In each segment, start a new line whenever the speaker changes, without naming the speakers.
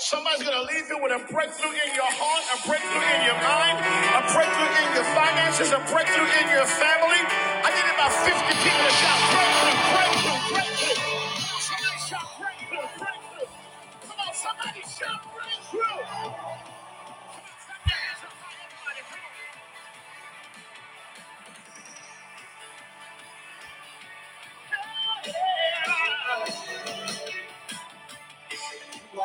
Somebody's going to leave you with a breakthrough in your heart, a breakthrough in your mind, a breakthrough in your finances, a breakthrough in your family. I need about 50 people to shout breakthrough, breakthrough, breakthrough. breakthrough, breakthrough, breakthrough.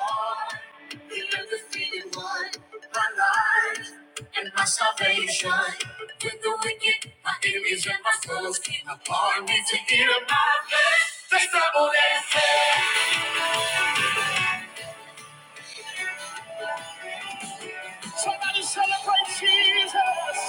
You are the feeding one, My life and my salvation with the wicked, my enemies and my foes came upon me to hear my faith. They stumbled and fell. Somebody celebrate Jesus.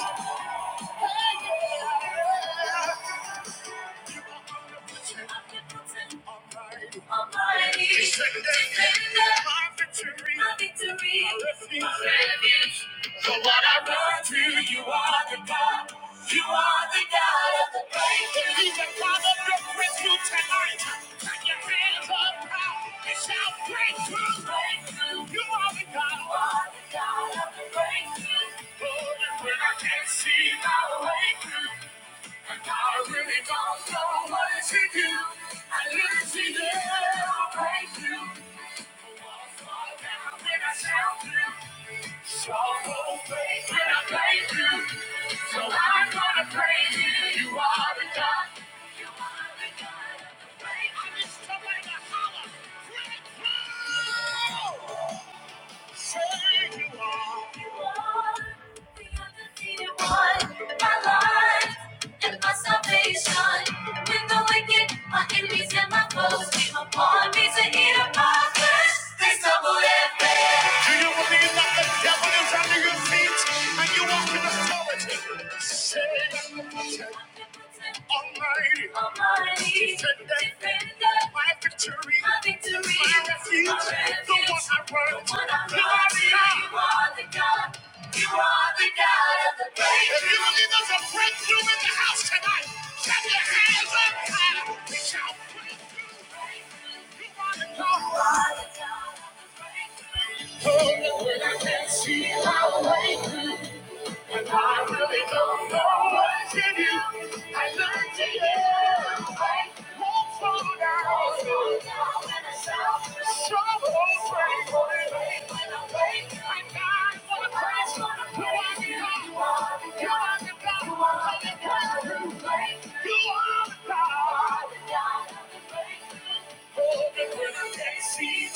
So what I run to, you are the God. You are the God of the breakthrough. He's the God of your breakthrough tonight. Put your hands up high and shout breakthrough. Breakthrough. You are the God. You are the God of the breakthrough. Oh, when I can't see my way through. And I really don't know what it should do. I live to you, thank you. For what I wanna fall down when I shout you. So faith when I praise you. So I'm gonna praise you. You are the God. You are the God. of the faith. I need somebody to holler. Breakthrough! Enemies and my foes came Upon me to eat up my flesh, they stumbled and do you believe that the devil is under your feet and you walk in authority? Say, Almighty, Almighty defender, defender, my victory, my, victory, my refuge, my refuge, the one I run, the one I you are the God. You are the God. You are the God of the breakthrough. If you believe there's a breakthrough in the house tonight, clap your hands up high. Oh, no, I can't see my way through. And I really don't know what to do. I look to you. Wait, won't slow down. Slow down when I shout. Show won't break. Wait, when I am I got what I You are the God. You are the God. You are the God who plays. You are the God. You are the God. Somebody say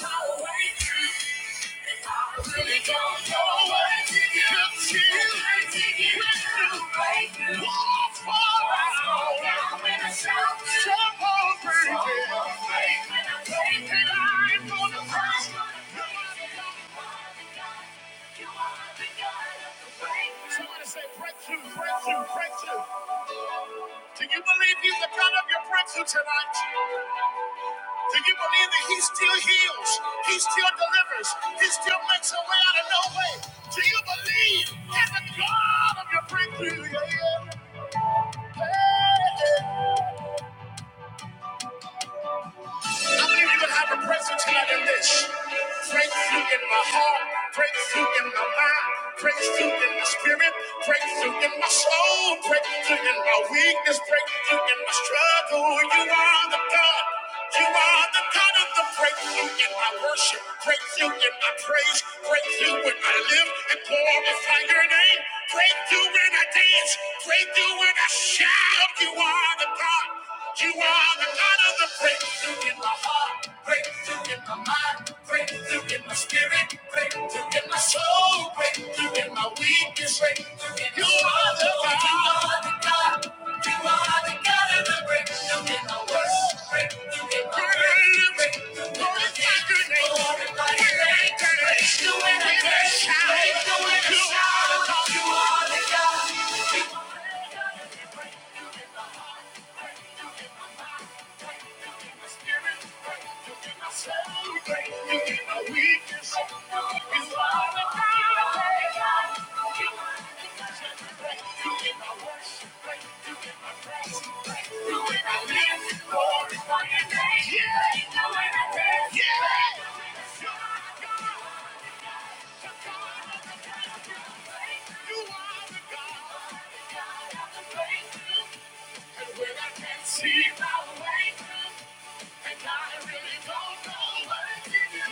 breakthrough, breakthrough, breakthrough. Do you believe he's the God of your breakthrough tonight? Do you believe that he still heals? He still delivers? He still makes a way out of no way? Do you believe in the God of your breakthrough? Yeah, yeah. Hey, hey. I believe you would have a presence here in this. Breakthrough in my heart, breakthrough in my mind, breakthrough in my spirit, breakthrough in my soul, breakthrough in my weakness, breakthrough in my struggle. You are the God. You are the God of the breakthrough in my worship, breakthrough in my praise, breakthrough when I live and glorify your name, breakthrough when I dance, breakthrough when I shout. You are the the God. You are the God of the breakthrough in my heart, breakthrough in my mind, breakthrough in my spirit, breakthrough in my soul, breakthrough in my weakness, breakthrough in you are the God. You are the God. You are the God of the breakthrough in my worst, breakthrough in my breakthrough, breakthrough in my name. Glorify your name. Breakthrough in my name. Breakthrough in my shout. You are the God. You get my Thank you. get my praise. See my way through. And I really don't know what it is.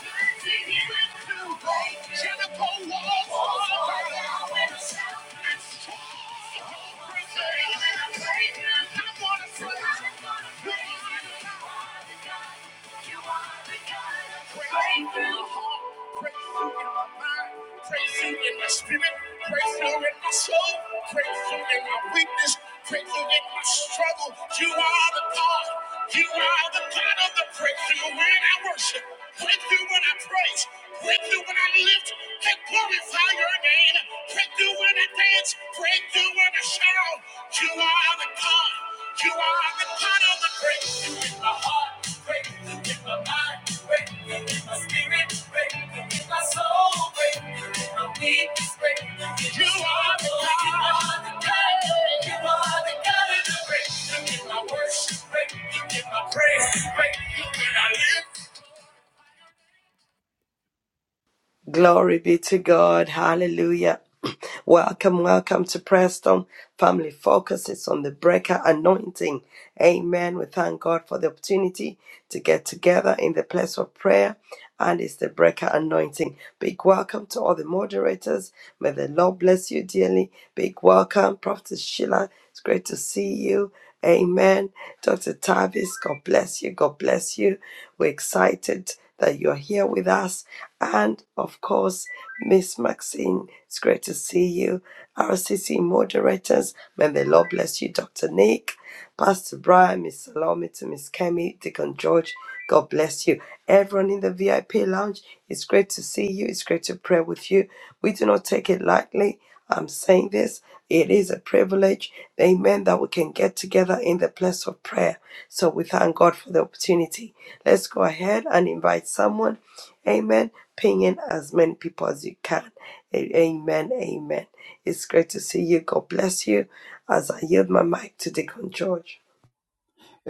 Good thing you went through, babe. Jericho walls fall down when the mountains fall. Hope brings a healing and faith. I wanna praise you. Praise you. You are the God. You are the God of breakthrough you in my mind, praise you in my spirit, praise you in my soul, praise you in my weakness, praise you in my struggle. You are the God, you are the God of the praise you when I worship, praise you when I praise, praise you when I lift and glorify your name, praise you when I dance, praise you when I shout. You are the God, you are the God of the praise. Breakthrough in my mind, breakthrough in my spirit, breakthrough in my soul, breakthrough in my weakness, breakthrough in You are the God, you are the God, you are the God of the breakthrough in my worship, breakthrough in my praise, breakthrough.
Glory be to God. Hallelujah. Welcome, welcome to Preston Family Focus. It's on the breaker anointing. Amen. We thank God for the opportunity to get together in the place of prayer. And it's the breaker anointing. Big welcome to all the moderators. May the Lord bless you dearly. Big welcome, Prophet Sheila. It's great to see you. Amen. Dr. Tavis, God bless you. God bless you. We're excited that you're here with us. And of course, Miss Maxine, it's great to see you. RCC moderators, may the Lord bless you, Dr. Nick, Pastor Brian, Miss Salome, to Miss Kemi, Deacon George, God bless you. Everyone in the VIP lounge, it's great to see you. It's great to pray with you. We do not take it lightly. I'm saying this. It is a privilege, amen, that we can get together in the place of prayer. So we thank God for the opportunity. Let's go ahead and invite someone, amen, ping in as many people as you can. A- Amen, amen. It's great to see you. God bless you as I yield my mic to Deacon George.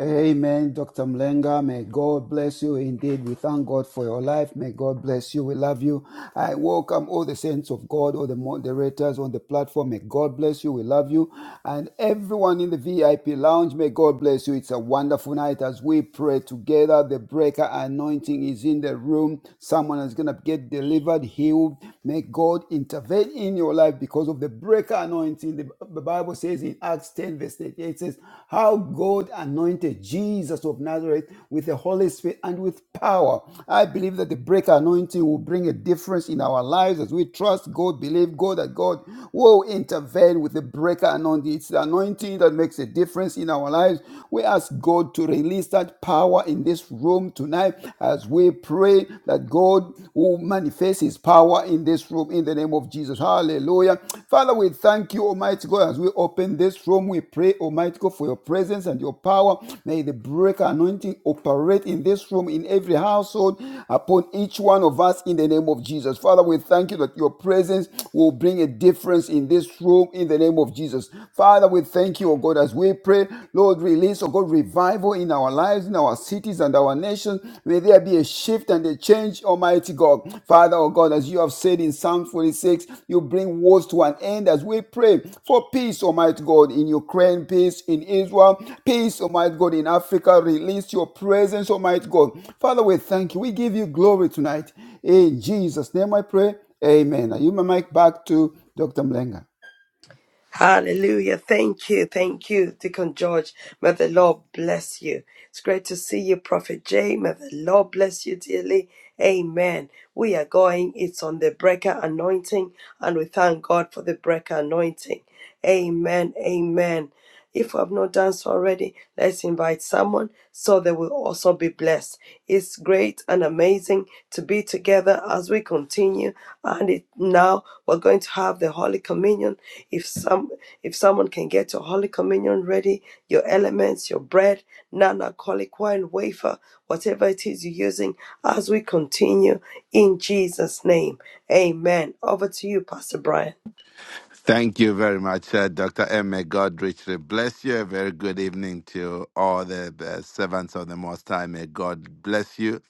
Amen, Dr. Mlenga. May God bless you indeed. We thank God for your life. May God bless you. We love you. I welcome all the saints of God, all the moderators on the platform. May God bless you. We love you. And everyone in the VIP lounge, may God bless you. It's a wonderful night as we pray together. The breaker anointing is in the room. Someone is going to get delivered, healed. May God intervene in your life because of the breaker anointing. The Bible says in Acts 10, verse 38, it says, How God anointed anointed Jesus of Nazareth with the Holy Spirit and with power. I believe that the breaker anointing will bring a difference in our lives as we trust God, believe God, that God will intervene with the breaker anointing. It's the anointing that makes a difference in our lives. We ask God to release that power in this room tonight as we pray that God will manifest his power in this room in the name of of Jesus. Hallelujah. Father, we thank you, Almighty God, as we open this room. We pray, Almighty God, for your presence and your power. May the breaker anointing operate in this room, in every household, upon each one of us in the name of Jesus. Father, we thank you that your presence will bring a difference in this room in the name of Jesus. Father, we thank you, O God, as we pray, Lord, release, O God, revival in our lives, in our our cities and our nations. May there be a shift and a change, Almighty God. Father, oh God, as you have said in Psalm 46, you bring wars to an end as we pray for peace, Almighty God, in Ukraine, peace in Israel, peace, Almighty God, in Africa. Release your presence, Almighty God. Father, we thank you. We give you glory tonight. In Jesus' name I pray. Amen. I yield my mic back to Dr. Mlenga.
Hallelujah. Thank you. Thank you, Deacon George. May the Lord bless you. It's great to see you, Prophet Jay. May the Lord bless you dearly. Amen. We are going. It's on the breaker anointing, and we thank God for the breaker anointing. Amen. Amen. If you have not done so already, let's invite someone so they will also be blessed. It's great and amazing to be together as we continue. And it, now we're going to have the Holy Communion. If some, if someone can get your Holy Communion ready, your elements, your bread, non-alcoholic wine, wafer, whatever it is you're using, as we continue in Jesus' name. Amen. Over to you, Pastor Brian.
Thank you very much, uh, Dr. M. May God richly bless you. A very good evening to all the, the servants of the Most High. May God bless you.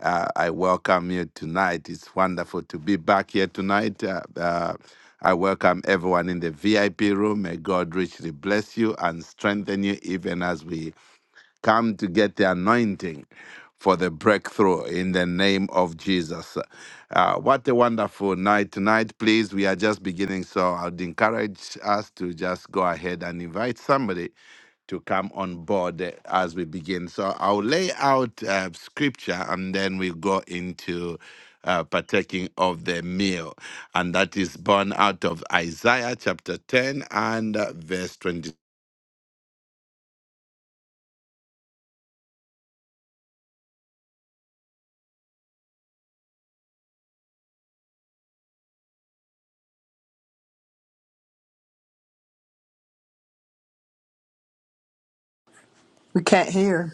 Uh, I welcome you tonight. It's wonderful to be back here tonight. Uh, uh, I welcome everyone in the VIP room. May God richly bless you and strengthen you even as we come to get the anointing for the breakthrough in the name of Jesus. Uh, what a wonderful night tonight. Please, we are just beginning, so I'd encourage us to just go ahead and invite somebody to come on board eh, as we begin. So I'll lay out uh, scripture and then we'll go into uh, partaking of the meal. And that is born out of Isaiah chapter 10 and uh, verse 20.
We can't hear.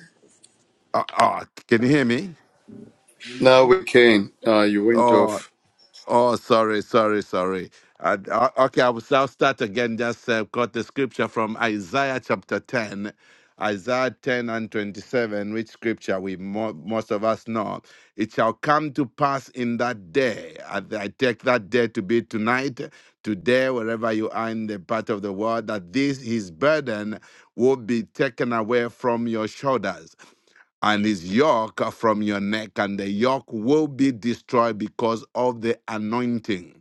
Oh, oh, can you hear me?
Now we can. Uh, you went
Oh,
off.
Oh, sorry, sorry, sorry. Uh, o- okay, I will I'll start again. Just uh, got the scripture from Isaiah chapter 10, Isaiah 10 and 27, which scripture we mo- most of us know. It shall come to pass in that day. I, I take that day to be tonight, today, wherever you are in the part of the world, that this his burden will be taken away from your shoulders and his yoke from your neck, and the yoke will be destroyed because of the anointing.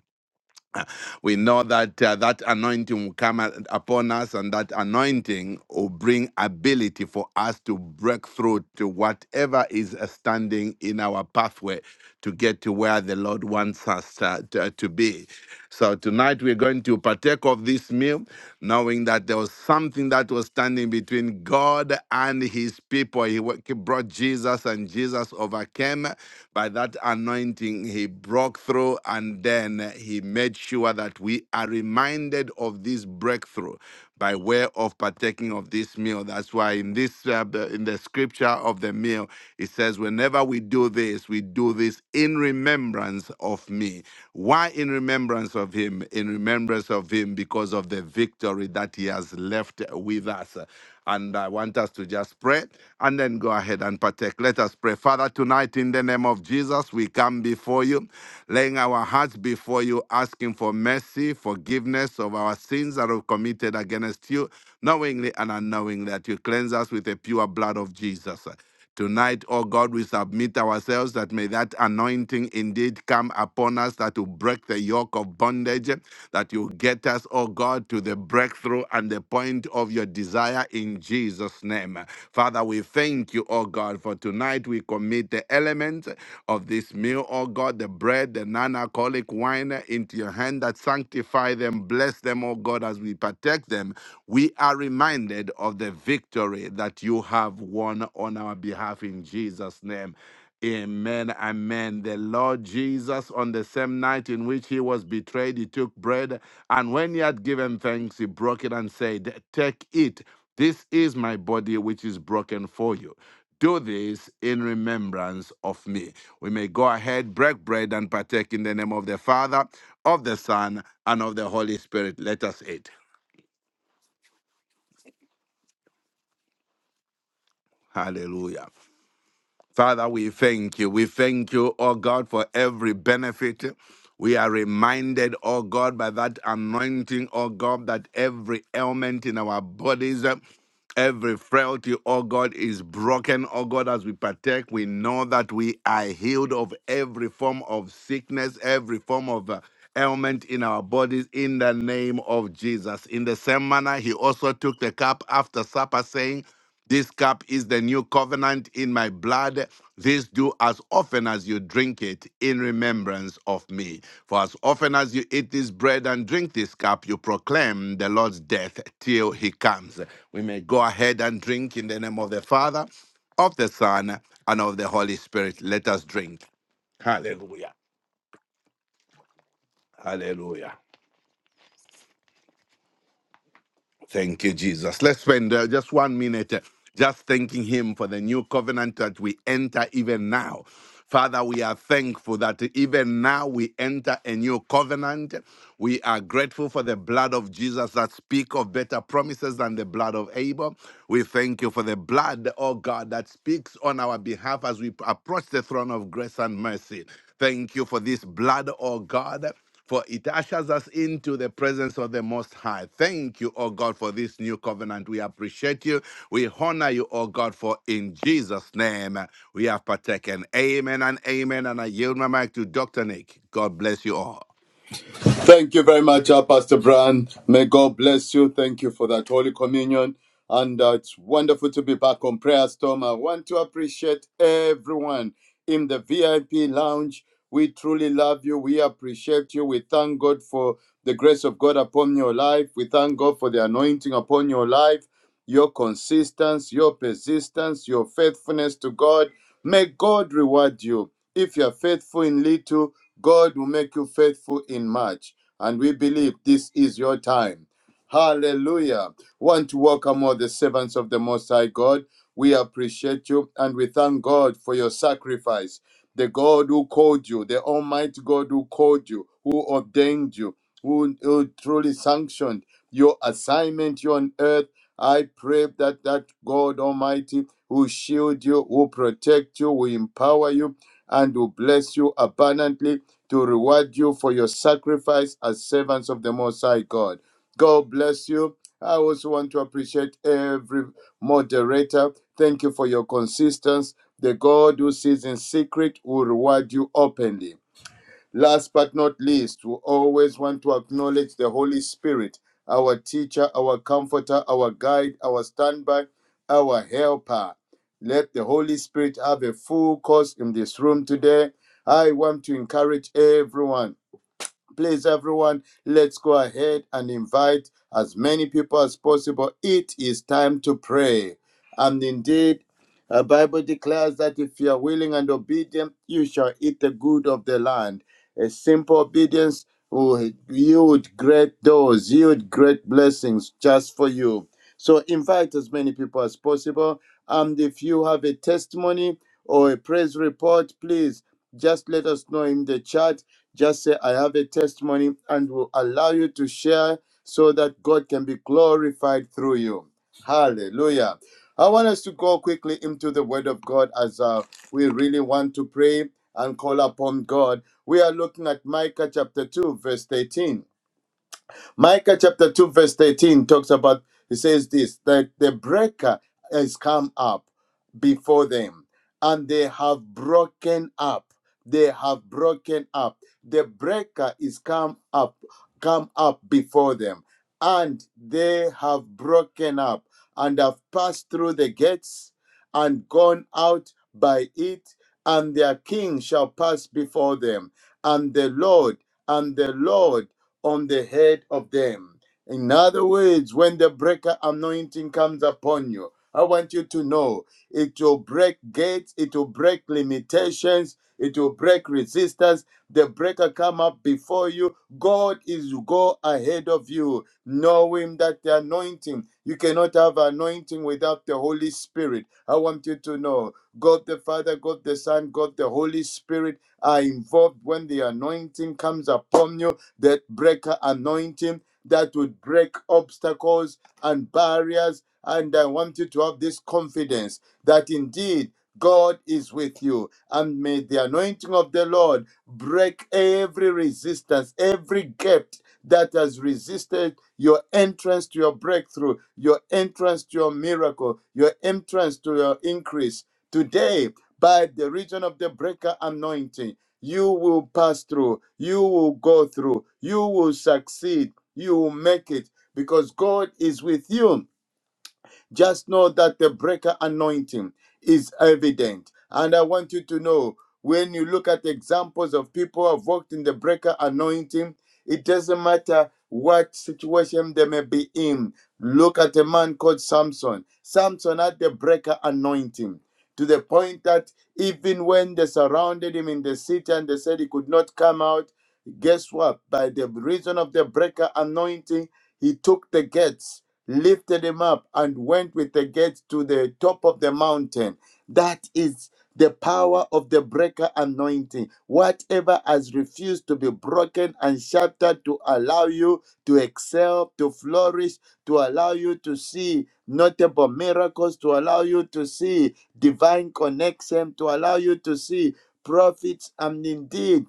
We know that uh, that anointing will come a- upon us, and that anointing will bring ability for us to break through to whatever is uh, standing in our pathway to get to where the Lord wants us uh, to, uh, to be. So tonight we're going to partake of this meal, knowing that there was something that was standing between God and His people. He wa- brought Jesus, and Jesus overcame overcame by that anointing. He broke through and then he made sure that we are reminded of this breakthrough by way of partaking of this meal. That's why in this uh, the- in the scripture of the meal, it says, "Whenever we do this, we do this in remembrance of me." Why in remembrance of him? In remembrance of him because of the victory that he has left with us. And I want us to just pray and then go ahead and partake. Let us pray. Father, tonight in the name of Jesus, we come before you, laying our hearts before you, asking for mercy, forgiveness of our sins that we've committed against you, knowingly and unknowingly, that you cleanse us with the pure blood of Jesus. Tonight, oh God, we submit ourselves that may that anointing indeed come upon us that will break the yoke of bondage, that you get us, oh God, to the breakthrough and the point of your desire in Jesus' name. Father, we thank you, oh God, for tonight we commit the elements of this meal, oh God, the bread, the non alcoholic wine into your hand that sanctify them, bless them, oh God, as we partake them. We are reminded of the victory that you have won on our behalf in Jesus' name. Amen. Amen. The Lord Jesus, on the same night in which he was betrayed, he took bread, and when he had given thanks, he broke it and said, Take it. This is my body, which is broken for you. Do this in remembrance of me. We may go ahead, break bread, and partake in the name of the Father, of the Son, and of the Holy Spirit. Let us eat. Hallelujah. Father, we thank you. We thank you, oh God, for every benefit. We are reminded, oh God, by that anointing, oh God, that every ailment in our bodies, uh, every frailty, oh God, is broken, oh God, as we partake. We know that we are healed of every form of sickness, every form of uh, ailment in our bodies in the name of Jesus. In the same manner, he also took the cup after supper, saying, this cup is the new covenant in my blood. This do as often as you drink it in remembrance of me. For as often as you eat this bread and drink this cup, you proclaim the Lord's death till he comes. We may go ahead and drink in the name of the Father, of the Son, and of the Holy Spirit. Let us drink. Hallelujah. Hallelujah. Thank you, Jesus. Let's spend uh, just one minute uh, just thanking Him for the new covenant that we enter even now. Father, we are thankful that even now we enter a new covenant. We are grateful for the blood of Jesus that speak of better promises than the blood of Abel. We thank you for the blood, oh God, that speaks on our behalf as we approach the throne of grace and mercy. Thank you for this blood, oh God for it ushers us into the presence of the Most High. Thank you, O God, for this new covenant. We appreciate you. We honor you, O God, for in Jesus' name we have partaken. Amen and amen. And I yield my mic to Dr. Nick. God bless you all.
Thank you very much, uh, Pastor Brian. May God bless you. Thank you for that Holy Communion. And uh, it's wonderful to be back on Prayer Storm. I want to appreciate everyone in the VIP lounge. We truly love you. We appreciate you. We thank God for the grace of God upon your life. We thank God for the anointing upon your life, your consistency, your persistence, your faithfulness to God. May God reward you. If you are faithful in little, God will make you faithful in much. And we believe this is your time. Hallelujah. Want to welcome all the servants of the Most High God. We appreciate you and we thank God for your sacrifice. The God who called you, the Almighty God who called you, who ordained you, who, who truly sanctioned your assignment here on earth. I pray that that God Almighty who shield you, who protect you, who empower you, and who bless you abundantly to reward you for your sacrifice as servants of the Most High God. God bless you. I also want to appreciate every moderator. Thank you for your consistency. The God who sees in secret will reward you openly. Last but not least, we always want to acknowledge the Holy Spirit, our teacher, our comforter, our guide, our standby, our helper. Let the Holy Spirit have a full course in this room today. I want to encourage everyone. Please, everyone, let's go ahead and invite as many people as possible. It is time to pray. And indeed, the Bible declares that if you are willing and obedient, you shall eat the good of the land. A simple obedience will yield great doors, yield great blessings just for you. So invite as many people as possible. And if you have a testimony or a praise report, please just let us know in the chat just say, I have a testimony and will allow you to share so that God can be glorified through you. Hallelujah. I want us to go quickly into the Word of God as uh, we really want to pray and call upon God. We are looking at Micah chapter 2, verse eighteen. Micah chapter 2, verse 13 talks about, it says this, that the breaker has come up before them and they have broken up. They have broken up. The breaker is come up, come up before them and they have broken up and have passed through the gates and gone out by it and their king shall pass before them and the Lord and the Lord on the head of them. In other words, when the breaker anointing comes upon you, I want you to know it will break gates, it will break limitations, it will break resistance. The breaker come up before you. God is go ahead of you, knowing that the anointing, you cannot have anointing without the Holy Spirit. I want you to know God the Father, God the Son, God the Holy Spirit are involved when the anointing comes upon you that breaker anointing that would break obstacles and barriers. And I want you to have this confidence that indeed God is with you. And may the anointing of the Lord break every resistance, every gap that has resisted your entrance to your breakthrough, your entrance to your miracle, your entrance to your increase. Today, by the region of the breaker anointing, you will pass through. You will go through. You will succeed. You will make it because God is with you. Just know that the breaker anointing is evident. And I want you to know when you look at examples of people who have walked in the breaker anointing, it doesn't matter what situation they may be in. Look at a man called Samson. Samson had the breaker anointing to the point that even when they surrounded him in the city and they said he could not come out, guess what? By the reason of the breaker anointing, he took the gates lifted him up and went with the gates to the top of the mountain. That is the power of the breaker anointing. Whatever has refused to be broken and shattered to allow you to excel, to flourish, to allow you to see notable miracles, to allow you to see divine connection, to allow you to see prophets, and indeed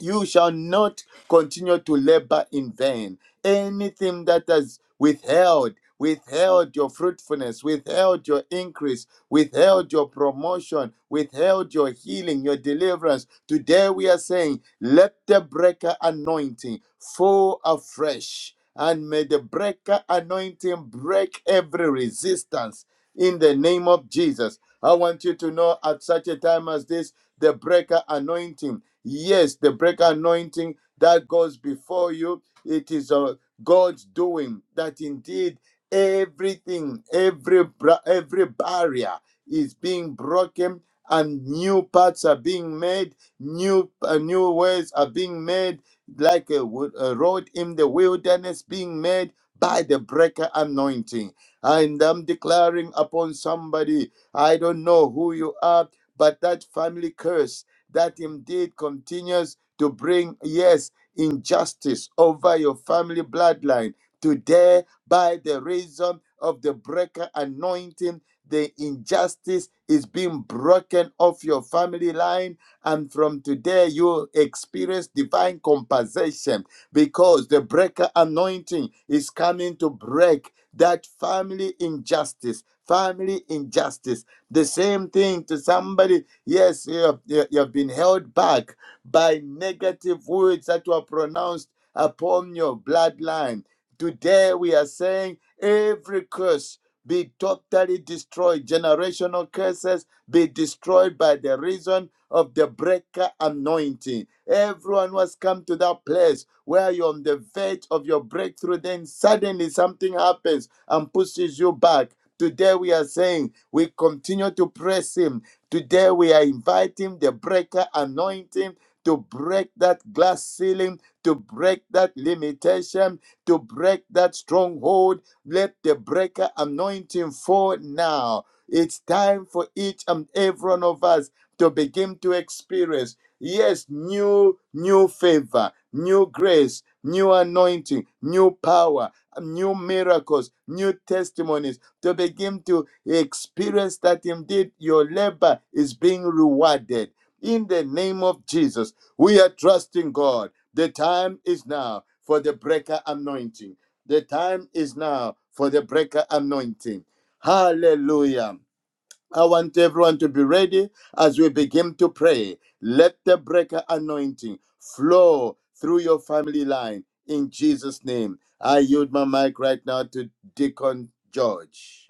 you shall not continue to labor in vain. Anything that has withheld, withheld your fruitfulness, withheld your increase, withheld your promotion, withheld your healing, your deliverance. Today we are saying, let the breaker anointing fall afresh. And may the breaker anointing break every resistance in the name of Jesus. I want you to know at such a time as this, the breaker anointing. Yes, the breaker anointing that goes before you, it is uh, God's doing that indeed everything, every bra- every barrier is being broken and new paths are being made, new uh, new ways are being made like a, wo- a road in the wilderness being made by the breaker anointing. And I'm declaring upon somebody, I don't know who you are, but that family curse that indeed continues to bring, yes, injustice over your family bloodline. Today, by the reason of the breaker anointing, the injustice is being broken off your family line. And from today, you experience divine compensation because the breaker anointing is coming to break that family injustice. Family injustice. The same thing to somebody Yes, you have, you you have been held back by negative words that were pronounced upon your bloodline. Today we are saying every curse be totally destroyed. Generational curses be destroyed by the reason of the breaker anointing. Everyone who has come to that place where you're on the verge of your breakthrough, then suddenly something happens and pushes you back. Today we are saying we continue to press him Today we are inviting the breaker anointing to break that glass ceiling, to break that limitation, to break that stronghold. Let the breaker anointing fall now. It's time for each and every one of us to begin to experience, yes, new, new favor, new grace, new anointing, new power, new miracles, new testimonies to begin to experience that indeed your labor is being rewarded. In the name of Jesus, we are trusting God. The time is now for the breaker anointing. The time is now for the breaker anointing. Hallelujah. I want everyone to be ready as we begin to pray. Let the breaker anointing flow through your family line in Jesus' name. I yield my mic right now to Deacon George.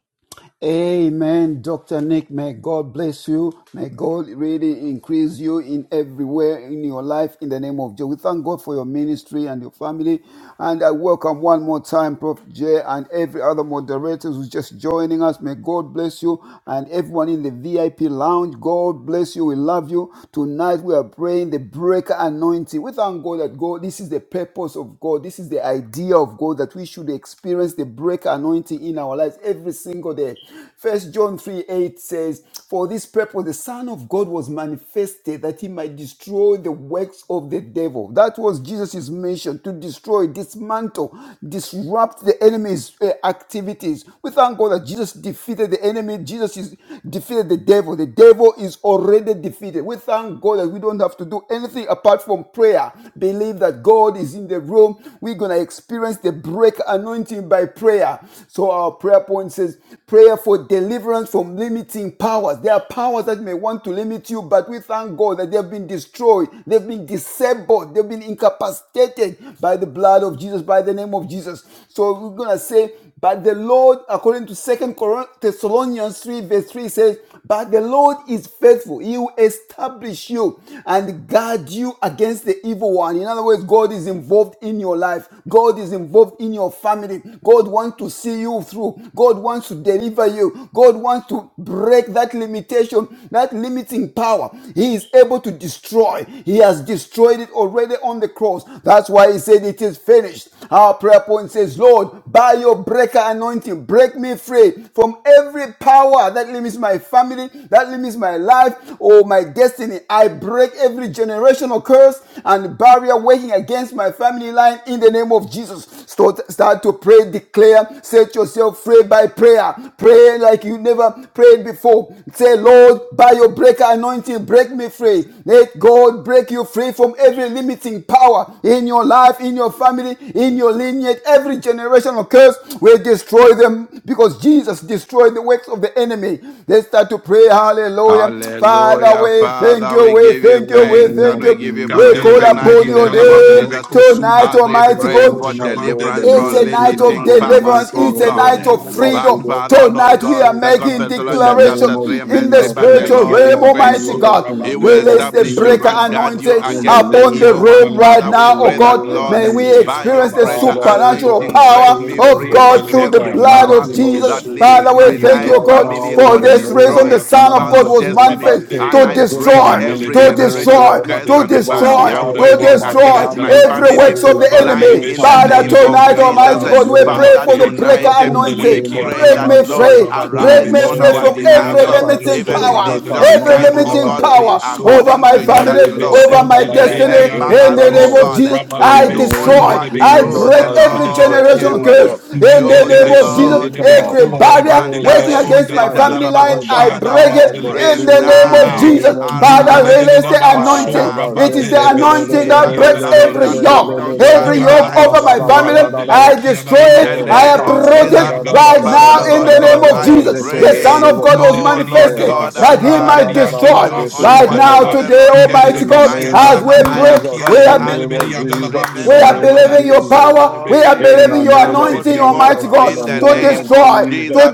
Amen, Dr. Nick. May God bless you. May God really increase you in everywhere in your life in the name of Jesus. We thank God for your ministry and your family. And I welcome one more time Prof. J and every other moderator who's just joining us. May God bless you and everyone in the VIP lounge. God bless you. We love you. Tonight we are praying the breaker anointing. We thank God that God, this is the purpose of God. This is the idea of God that we should experience the breaker anointing in our lives every single day. First John 3 8 says, For this purpose the Son of God was manifested that he might destroy the works of the devil. That was Jesus' mission to destroy, dismantle, disrupt the enemy's uh, activities. We thank God that Jesus defeated the enemy, Jesus is defeated the devil. The devil is already defeated. We thank God that we don't have to do anything apart from prayer. Believe that God is in the room. We're going to experience the break anointing by prayer. So our prayer point says prayer for deliverance from limiting powers. There are powers that may want to limit you, but we thank God that they have been destroyed, they've been disabled, they've been incapacitated by the blood of Jesus, by the name of Jesus. So we're gonna say, but the Lord, according to Second Thessalonians 3, verse 3 says, but the Lord is faithful. He will establish you and guard you against the evil one. In other words, God is involved in your life. God is involved in your family. God wants to see you through. God wants to deliver you. God wants to break that limitation, that limiting power. He is able to destroy. He has destroyed it already on the cross. That's why he said it is finished. Our prayer point says, Lord, by your breaker anointing, break me free from every power that limits my family, that limits my life or my destiny. I break every generational curse and barrier working against my family line in the name of Jesus. Start, start to pray, declare, set yourself free by prayer. Pray like you never prayed before. Say, Lord, God, by your breaker anointing, break me free. Let God break you free from every limiting power in your life, in your family, in your lineage. Every generational curse will destroy them because Jesus destroyed the works of the enemy. Let's start to pray. Hallelujah. Father,
Hallelujah,
we thank
Father.
you,
We
we
give you
Father,
thank you,
in
we
the
thanks
name
and
of
thank
we
you.
give you
We
Jesus,
Yandele
praise
we
call
give you
tonight
bekubi,
upon
in the
your
praise,
yandele
name
Lord
of
mandele
God.
name
Jesus
beko
tonight,
sundele
as we
Almighty
mandele
Very
pray
beko
God.
for
tonight,
shamande
Lord,
de
deliverance
that
It's
you
a
from
are doing,
night
besundele
oh
of
limiting
God,
mandele
in
deliverance.
powers,
besu
ministry,
oh
It's
oh
a
God.
God,
night
in
of
mandandele
our lives, oh
But
freedom.
God.
besundele
Father,
mandele
Lord
Tonight we
God,
are
besu
Second
making
ramande
In the
Thessalonians
sura.
name
chapter
declaration
of
3 and
in
verse
the
3,
Jesus,
but
Andele
in
the
the
spiritual
beki
Lord
name
realm,
is
yandele
of
Almighty
faithful.
manso
Jesus,
God.
in the
He
name
will
ramandele
of
Release
beko
the
establish you
sura
breaker
Jesus,
and
ramandele
guard you
anointing
in the
manso
against
de
the
upon
name
the
of
evil
beki
one.
room
yandele
right
Father,
Jesus,
we
now,
manso
in
oh
the
pray that,
name
yandele
of
God.
Lord,
May
manso
we
Jesus.
by
yandele
your
experience the
mandele
breaker
Father, O
supernatural
besu
anointing,
God, I
break
pray,
power
O
me
God,
of
for
free
the
God
from
through the
greater
Telebeki
every
and
blood
Alaman,
power
of
anointing, oh
Delebe,
Jesus.
God.
that
so
limits
Father, we
my
Delebeki and
thank
Even
you,
life,
oh
right
Alaba,
God.
family,
now,
For
in
or
Asori
the
and
this
name
reason,
of
the
destroy
Alamandia,
Son of
fa-
Talaman,
God
or
Jesus,
was
so
I
destiny.
manifest
pray for
And
Rabandea,
to
the
I
great
break
destroy,
every
to
anointing,
Mendelebeku,
oh
destroy,
generational
God,
Satalama,
curse
to
and
over
Delebeku,
my
so
destroy,
barrier
life,
to
Torebe, the
over
working
my
destroy
Mandia,
against my
family.
Delaban,
every
I
family,
works
so
of
pray
the
for
Raban,
a
line
enemy.
Delebe,
great
in the
Shun,
Father,
name
anointing
of
Delebeki
tonight,
and
in
Jesus.
Almighty
Alaman,
the
Eh,
God, we
so
name of
pray
Father,
for the
Rabande,
breaker
Jesus,
tonight eh,
in the
we
name
Mundelebeki
of
anointing.
and
pray
Break
that,
Alaman,
me
Jesus,
so
Lord,
free.
Raban,
in the
Break
arise
Delebe,
me
on
Shun,
name
free
our
of
from
Delebedi and
every
behalf.
Jesus.
eh,
I
Alaman,
pray
limiting
for
so
Even
the
in
power,
Raman,
great
this short
every
Delebeki
time,
and
anointing,
oh
oh
limiting
Alaman,
God,
God.
we
Delebe,
power
are
so
Ah,
over
calling
my
to you
family,
that,
Mandebe,
Abalebro,
Lord, eh,
over
Shun,
my destiny.
Delebedi and
remember
In
us,
the
Alaban,
oh
name
Zatarabazerebo.
of
so
God, eh,
Jesus,
Raban,
In
and
I
the
Debe,
do
name
only
Shun,
of
destroy,
what
I
Delebeku,
you,
Jesus,
break
the
I
Satalaman,
every
Lord,
destroy,
generational
Delebeku,
can
oh
curse.
God.
do.
In
Mende
the
You,
de
Every
name
the
be
of Jesus.
sun
Jesus,
de
Lord,
le
generation
be
can
of
every
kun
do.
de
false
le
barrier
ban de
oh
le
Manda
be
working
God
rebo
sun
against
de la
my
are
ma de
setara
le
family
ba
baba.
line,
destroyed by
hoshi
I
the
Father,
la
break
ma
we
power
it
of the
le be
pray
in
Holy
the
so
Ghost
name
in the
of
rande
now.
Jesus.
name of
munde
Father,
de
Jesus.
de
Arise
de
release
de
the
on
ban
our
Ah,
so
da
anointing.
behalf.
da
raba
It
ze
is
de
the
ke de
be
de de
su
Perform
anointing
de
that
de
di
miracle
de de
breaks
la man
signs
every
de de
and
de
so ra
de
yoke.
de
wonders.
de bo
di
Every
zan
la
yoke
ta ra
man
Arise,
over
ra
oh
my
so
ra ba
family,
God.
ya
raba
ra
le
ra
be
ba.
I
ki an
destroy
la
In
ma
the
it.
O
le
ra
I
name
ta
be
ta
of
ra
uproot
su
ra
di
it
Jesus,
ra ra
la
ra
ba
right
ra
so
ra
now
to
ra
Father,
la
ra
in
ba
Lord
the
ra
di
ra
an
God,
name
ra
of
la
ba
I
man
Jesus.
ze ke
so
The
de de
dia
Son
de
pray.
of
bo.
God was
monde de
Oh,
be di
O
an
Lord
la
manifested
ra
ba
God,
za
that
so
ta
he
de le
ra
be
ra
might
arise.
di
ra
an
ra ba
la
destroy.
ba
Do
ze ke
only
de
so
Right
da
de
what
de
ba
now,
you,
ha
bo.
the
today,
Lord, can
mende de
do.
Almighty
In
be
the
God,
si
My
an
name
la
as
of
we
Father,
man le
I
pray,
be
am
ki
Jesus,
an
we
in
calling
so
the
have
de
been.
le
out
name
be
to
of
di an
you,
la
Jesus,
man
in
We
so
the
are
name
raba
remembering
of
le
that
believing
be
your
with
Jesus.
so
you
de le
power.
all
We
be
are
In
believing
the
things
in
your
are
name
the
of
anointing,
possible
Almighty
Jesus,
God,
in
in
the
the
to
name
name
of
of
destroy,
Jesus.
Jesus.
to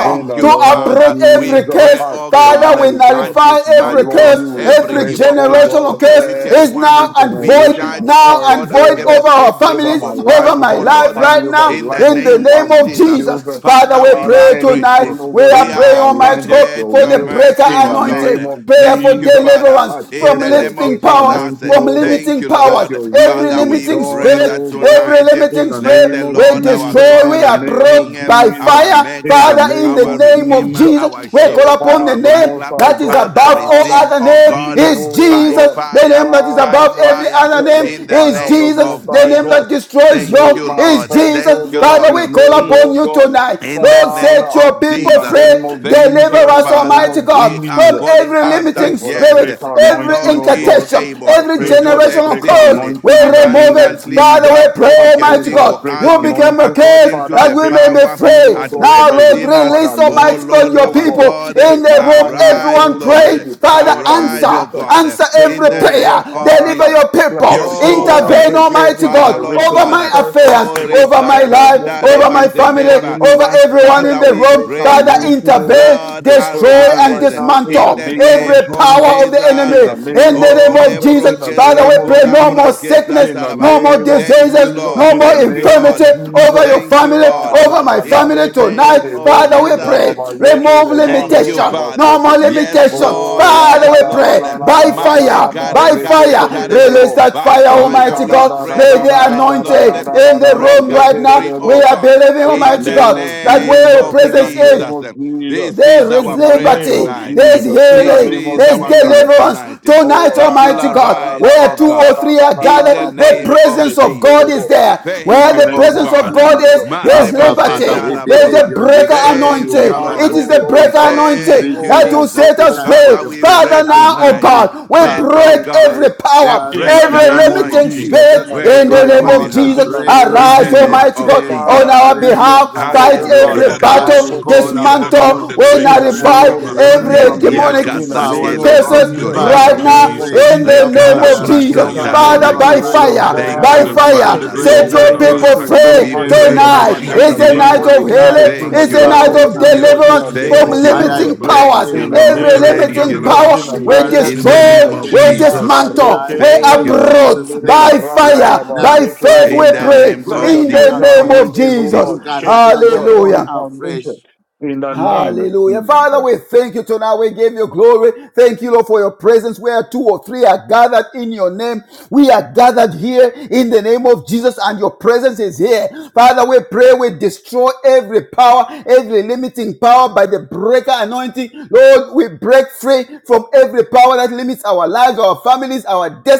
In the
to
you,
name of
approach
Father. We
every
Jesus,
curse.
pray,
I
oh
pray,
Father, we
God,
mighty God,
and
nullify
that
every
Lord,
dismantle
curse,
you will
every
every
break,
evil
oh
plan
God,
generational
of the
curse
wicked
is
every
now
one.
and
We
void,
charge,
generational
oh
now
curse,
and
God,
oh
void
God,
over
against
our
every
over my
families,
evil
life,
over
plan,
my
oh
over my
life
Lord
right
family, over
now,
the
in
life
the
in
of my
the
name
wife,
of
name of
my
Jesus.
children.
Jesus. Father,
Father,
we
we
Father,
pray
are
tonight.
anything,
grateful.
oh
We
God, that
are
We
is not
praying, Almighty
aligned with
God,
appreciate
your
for
your
the
will,
breaker
mercy,
in
oh
the name
God.
of
anointing, prayer
Thank
for
you,
Jesus,
Father.
I
deliverance
In
pray
from
the
for the
name
lifting
of
greater
powers
Jesus,
anointing,
from
oh God.
thank
limiting
you,
powers.
Let
Lord.
your will
Every
Father,
be
we
limiting
pray
done,
spirit,
that
oh God,
every
tonight eh,
in
limiting
the
let
name
the
spirit, we
of
Lord, our
Jesus,
destroy,
in
we
God
the
and
name
approach
of
King, eh,
by
Jesus.
our
fire.
In the
Maker,
Father, in the
name
our
of
name of
Redeemer,
Jesus,
Jesus,
our
let
we
the
call
Shield, and
upon
fire
the
our
of the
name
Most
Buckler,
High
that is
God,
Father,
above all
Father,
receive,
other
oh
name
God,
be,
is
oh
by
God,
Jesus. The
fire,
name that is
by
above
Father,
every
fire,
other
let
name
the
in the
is
fire of
name
the
Jesus.
Most
of
The
High
name
God
Jesus.
that
be
destroys
Thank
yoke
made
you,
is
Lord.
manifest,
Jesus.
oh
Thank you,
God,
Father,
Lord.
be
we call
made,
Mm.
upon
oh
you
God,
tonight.
In the
Lord,
name
set
Father,
your
of
in
people
the
Jesus.
name
free.
of
Thank
Jesus,
Deliver
you,
in
us,
the name
Father.
of
Almighty
We
God,
are
from
Jesus.
calling
every
I
up
pray
limiting
that
for the
yes,
spirit
breaker
the
every
anointing,
Lord
oh
is
God.
incantation,
able
I
every
to
pray for
do
the
generational
breaker
curse.
exceedingly
We
anointing in the
remove
name of
it.
abundantly
Father,
Jesus.
we
above all
I
we
pray,
can
pray
Almighty
for
think
the
or
God.
breaker
ask,
You became
anointing
a
according
curse
to
Father,
that
the
we
break
may
me
be
power
free,
free.
oh
at
God,
Now,
from
work
every
Lord,
within us.
power
release,
that
Oh
Almighty
limits me,
God,
Lord,
your
oh
our
God.
people
God,
in
Break
the
my
room.
family
arise,
Everyone
free from
pray.
Lord.
every
Father,
power that
Arise, oh
answer.
limits us.
God,
Answer
Bless,
in
every
the
oh
prayer.
name
God,
of
Deliver
Father.
Jesus.
your
Bless
people.
us, oh
Oh,
God, and
Intervene,
break
thank you,
every
Almighty God,
Father, Lord
over
generational
my
God.
curse,
affairs,
Oh,
every
over my
barrier that is
life,
Rekasanda
working
over
Reba
my
against my
family,
Setereba.
family
over
line.
everyone
Let
in
Father,
the
the
we
room.
break
pray,
Father,
anointing, oh God,
intervene,
Lord,
destroy it
destroy
even
and
right
arise
and
now in
in
the
dismantle
the
name of
every
name of
Jesus.
power of the enemy
Jesus.
In the
in
name
the
of
Oh,
name of
Jesus,
lebro
in
Jesus.
the
Father,
kesa
we
name of
pray no
kolambra
more
Jesus,
kesa
sickness,
in the
taraba.
no more
name of
Thank you,
diseases,
Jesus,
no
Lord.
in the
more
Thank you,
name of
infirmity
Lord.
Jesus.
over your
Thank you,
family,
Ah,
Lord.
over my
rabada,
In
family
the
rekete,
tonight.
name
rebo,
of
Father, we
junda,
Jesus.
pray.
raba, yeke,
Remove
reba,
Thank you,
roda,
limitation,
Father.
no more
basete.
Yes,
limitation.
Oh,
Lord.
Father,
rata,
Yes,
we
la, la,
Lord.
pray.
la, la,
By
la, la, la,
fire,
la,
Maleka
ba,
by
reka
rekete,
fire,
le,
sekare baba.
release
rebo.
that
By
fire,
fire
Almighty
Rita, ra,
we
God.
ra,
pray
ra,
May
ra,
the
ra, ra, ra, ra,
tonight,
anointing
Lord.
ra, ra, ra,
in the
ra, ba,
Break
room
us
right
zeke, le,
free,
now. We
oh
rebo.
are
God,
believing,
In the
in
Almighty
the
name
God,
of
that
name
where your
Jesus,
of
in the
presence
name
is.
Jesus.
of Jesus,
This is
There is
our
in the
prayer
name
liberty.
of
tonight.
There is
Jesus, in the
This
healing.
name of
is
There is
our cry
Jesus.
deliverance.
tonight.
Tonight,
Oh,
That
rata,
you'll
Almighty
ra, ra,
God,
arise,
ra,
where
ra, ra,
oh
two
ra,
or
God,
ra, ra,
three
ra,
are
ra,
in
ra,
the
ra,
gathered,
ba,
the
name
yeke, le,
of
presence
le,
of God
Jesus.
is
rebo
there.
in
Thank
Where
the
you,
the
oh
name
presence
of
of
Rakaptara
God.
God
Baba
Jesus.
is, there
I
is
Mareba
thank
Abba,
you
Father,
liberty.
so
we
much,
setara
There is
Lord,
believe
the
baba.
you and we
breaker
that
trust
even
Thank
you,
you,
anointing.
tonight,
It
covenant
is
Lord.
oh
the
God,
keeping
breaker
there
God.
is,
Thank
anointing
This
you,
that
is,
oh
oh
will
God,
Jesus.
set
the
God.
us
time for
free.
Father,
the
we
breaker
pray
Father, now, oh
tonight.
anointing.
God, we
Let,
Father,
oh
break
we pray,
every
God, the
power,
In
Father,
the
in
breaker
every
the
name of
name
limiting
of
Jesus,
anointing
spirit
in
Jesus,
the
in
work
name
the
of
on
right
name
our
of
God,
Jesus,
behalf.
in
Jesus.
the
break,
name of
In
Arise,
the
Almighty
Jesus.
name
God,
Almighty
of
God,
every
on
Father,
Jesus.
our
barrier,
release your
behalf.
power,
hindrances,
Fight
oh
oh God,
God,
Hallelujah,
every
over my
as
life,
God.
we
battle
oh God,
call
even right
upon
now.
you
dismantle, we
with
In
the
the
prayer
name
nullify
for
of
deliverance
Jesus,
every
from
Nevia
demonic
limiting
in the
casa
cases
name
powers, oh
kele
of
God.
brosko
Jesus,
name
in
tara
of
the
Father,
right
we
baba.
now
name of
pray
Jesus,
in
Jesus.
the
that,
name
Let
of
Father,
the
Rekalambra
oh
Jesus.
Mosotoria
breaker
my
katare
God,
Father,
baba
Lord,
anointing,
by
Nerebeko,
baba.
by
oh
so
your
God,
fire,
breaker
Thank
Nerebedia
by
Father,
you,
anointing,
fire,
take
Father.
Danamandebe,
me,
break
oh
so
set
me
God,
your
Tonight,
even
free
people
into a
Nerabahai.
free
from
new
we
height, oh
every
pray in
God.
Notable
the
tonight.
power
name
that
In
of
Shiata
the
It's a
Jesus.
limits
name
night
of
of
my
Lamandebekia,
life,
Jesus,
healing,
in
Thank
the
it's
you,
a
Namandelebe,
name
night
so
Lord.
of
family,
of
and
Toria,
or
Jesus, in
deliverance
the
destiny.
name
from
Namandelebe,
Thank
of
so
you,
And I
limiting
Jesus.
Lord.
break
powers.
Nerabahai.
Thank you,
In the
every
Lord.
Every
name of
Moterebedia
Thank
generational
limiting
you,
Jesus,
curse
Lord.
in
power
the
and
we
name
Nanamanso,
barriers
of
in
in the
the
destroy,
working
name
name
Jesus.
of
of
we
against my
Jesus.
Jesus.
family
dismantle,
line
we
Thank you,
in
Abarekedebo,
Lord.
Jesus'
uproot
zundereba,
name.
by
Right
fire,
rasaraba,
now,
by faith
right
zekedebo.
we
In the
now,
pray
name
Let
of
the
break
in
a
the
breaker
Jesus.
name of
anointing,
anointing,
O
Jesus.
God, shake,
Jesus.
O God,
punkarakando
every
phone
Hallelujah.
foundation
afresh
in the name of
Hallelujah. Father,
Jesus.
we thank you tonight. We give you glory. Thank you, Lord, for your presence. Where two or three are gathered in your name, we are gathered here in the name of Jesus, and your presence is here. Father, we pray we destroy every power, every limiting power by the breaker anointing. Lord, we break free from every power that limits our lives, our families, our destiny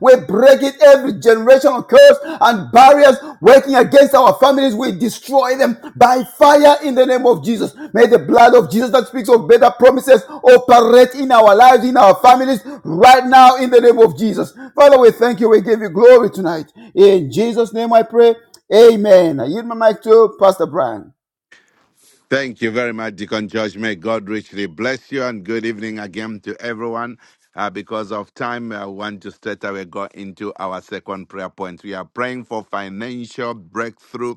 we break it every generational curse and barriers working against our families. We destroy them by fire in the name of Jesus. May the blood of Jesus that speaks of better promises operate in our lives, in our families, right now in the name of Jesus. Father, we thank you. We give you glory tonight. In Jesus' name I pray. Amen. I yield my mic to Pastor Brian.
Thank you very much, Deacon George. May God richly bless you and good evening again to everyone. Uh, because of time, I want to straight away go into our second prayer point. We are praying for financial breakthrough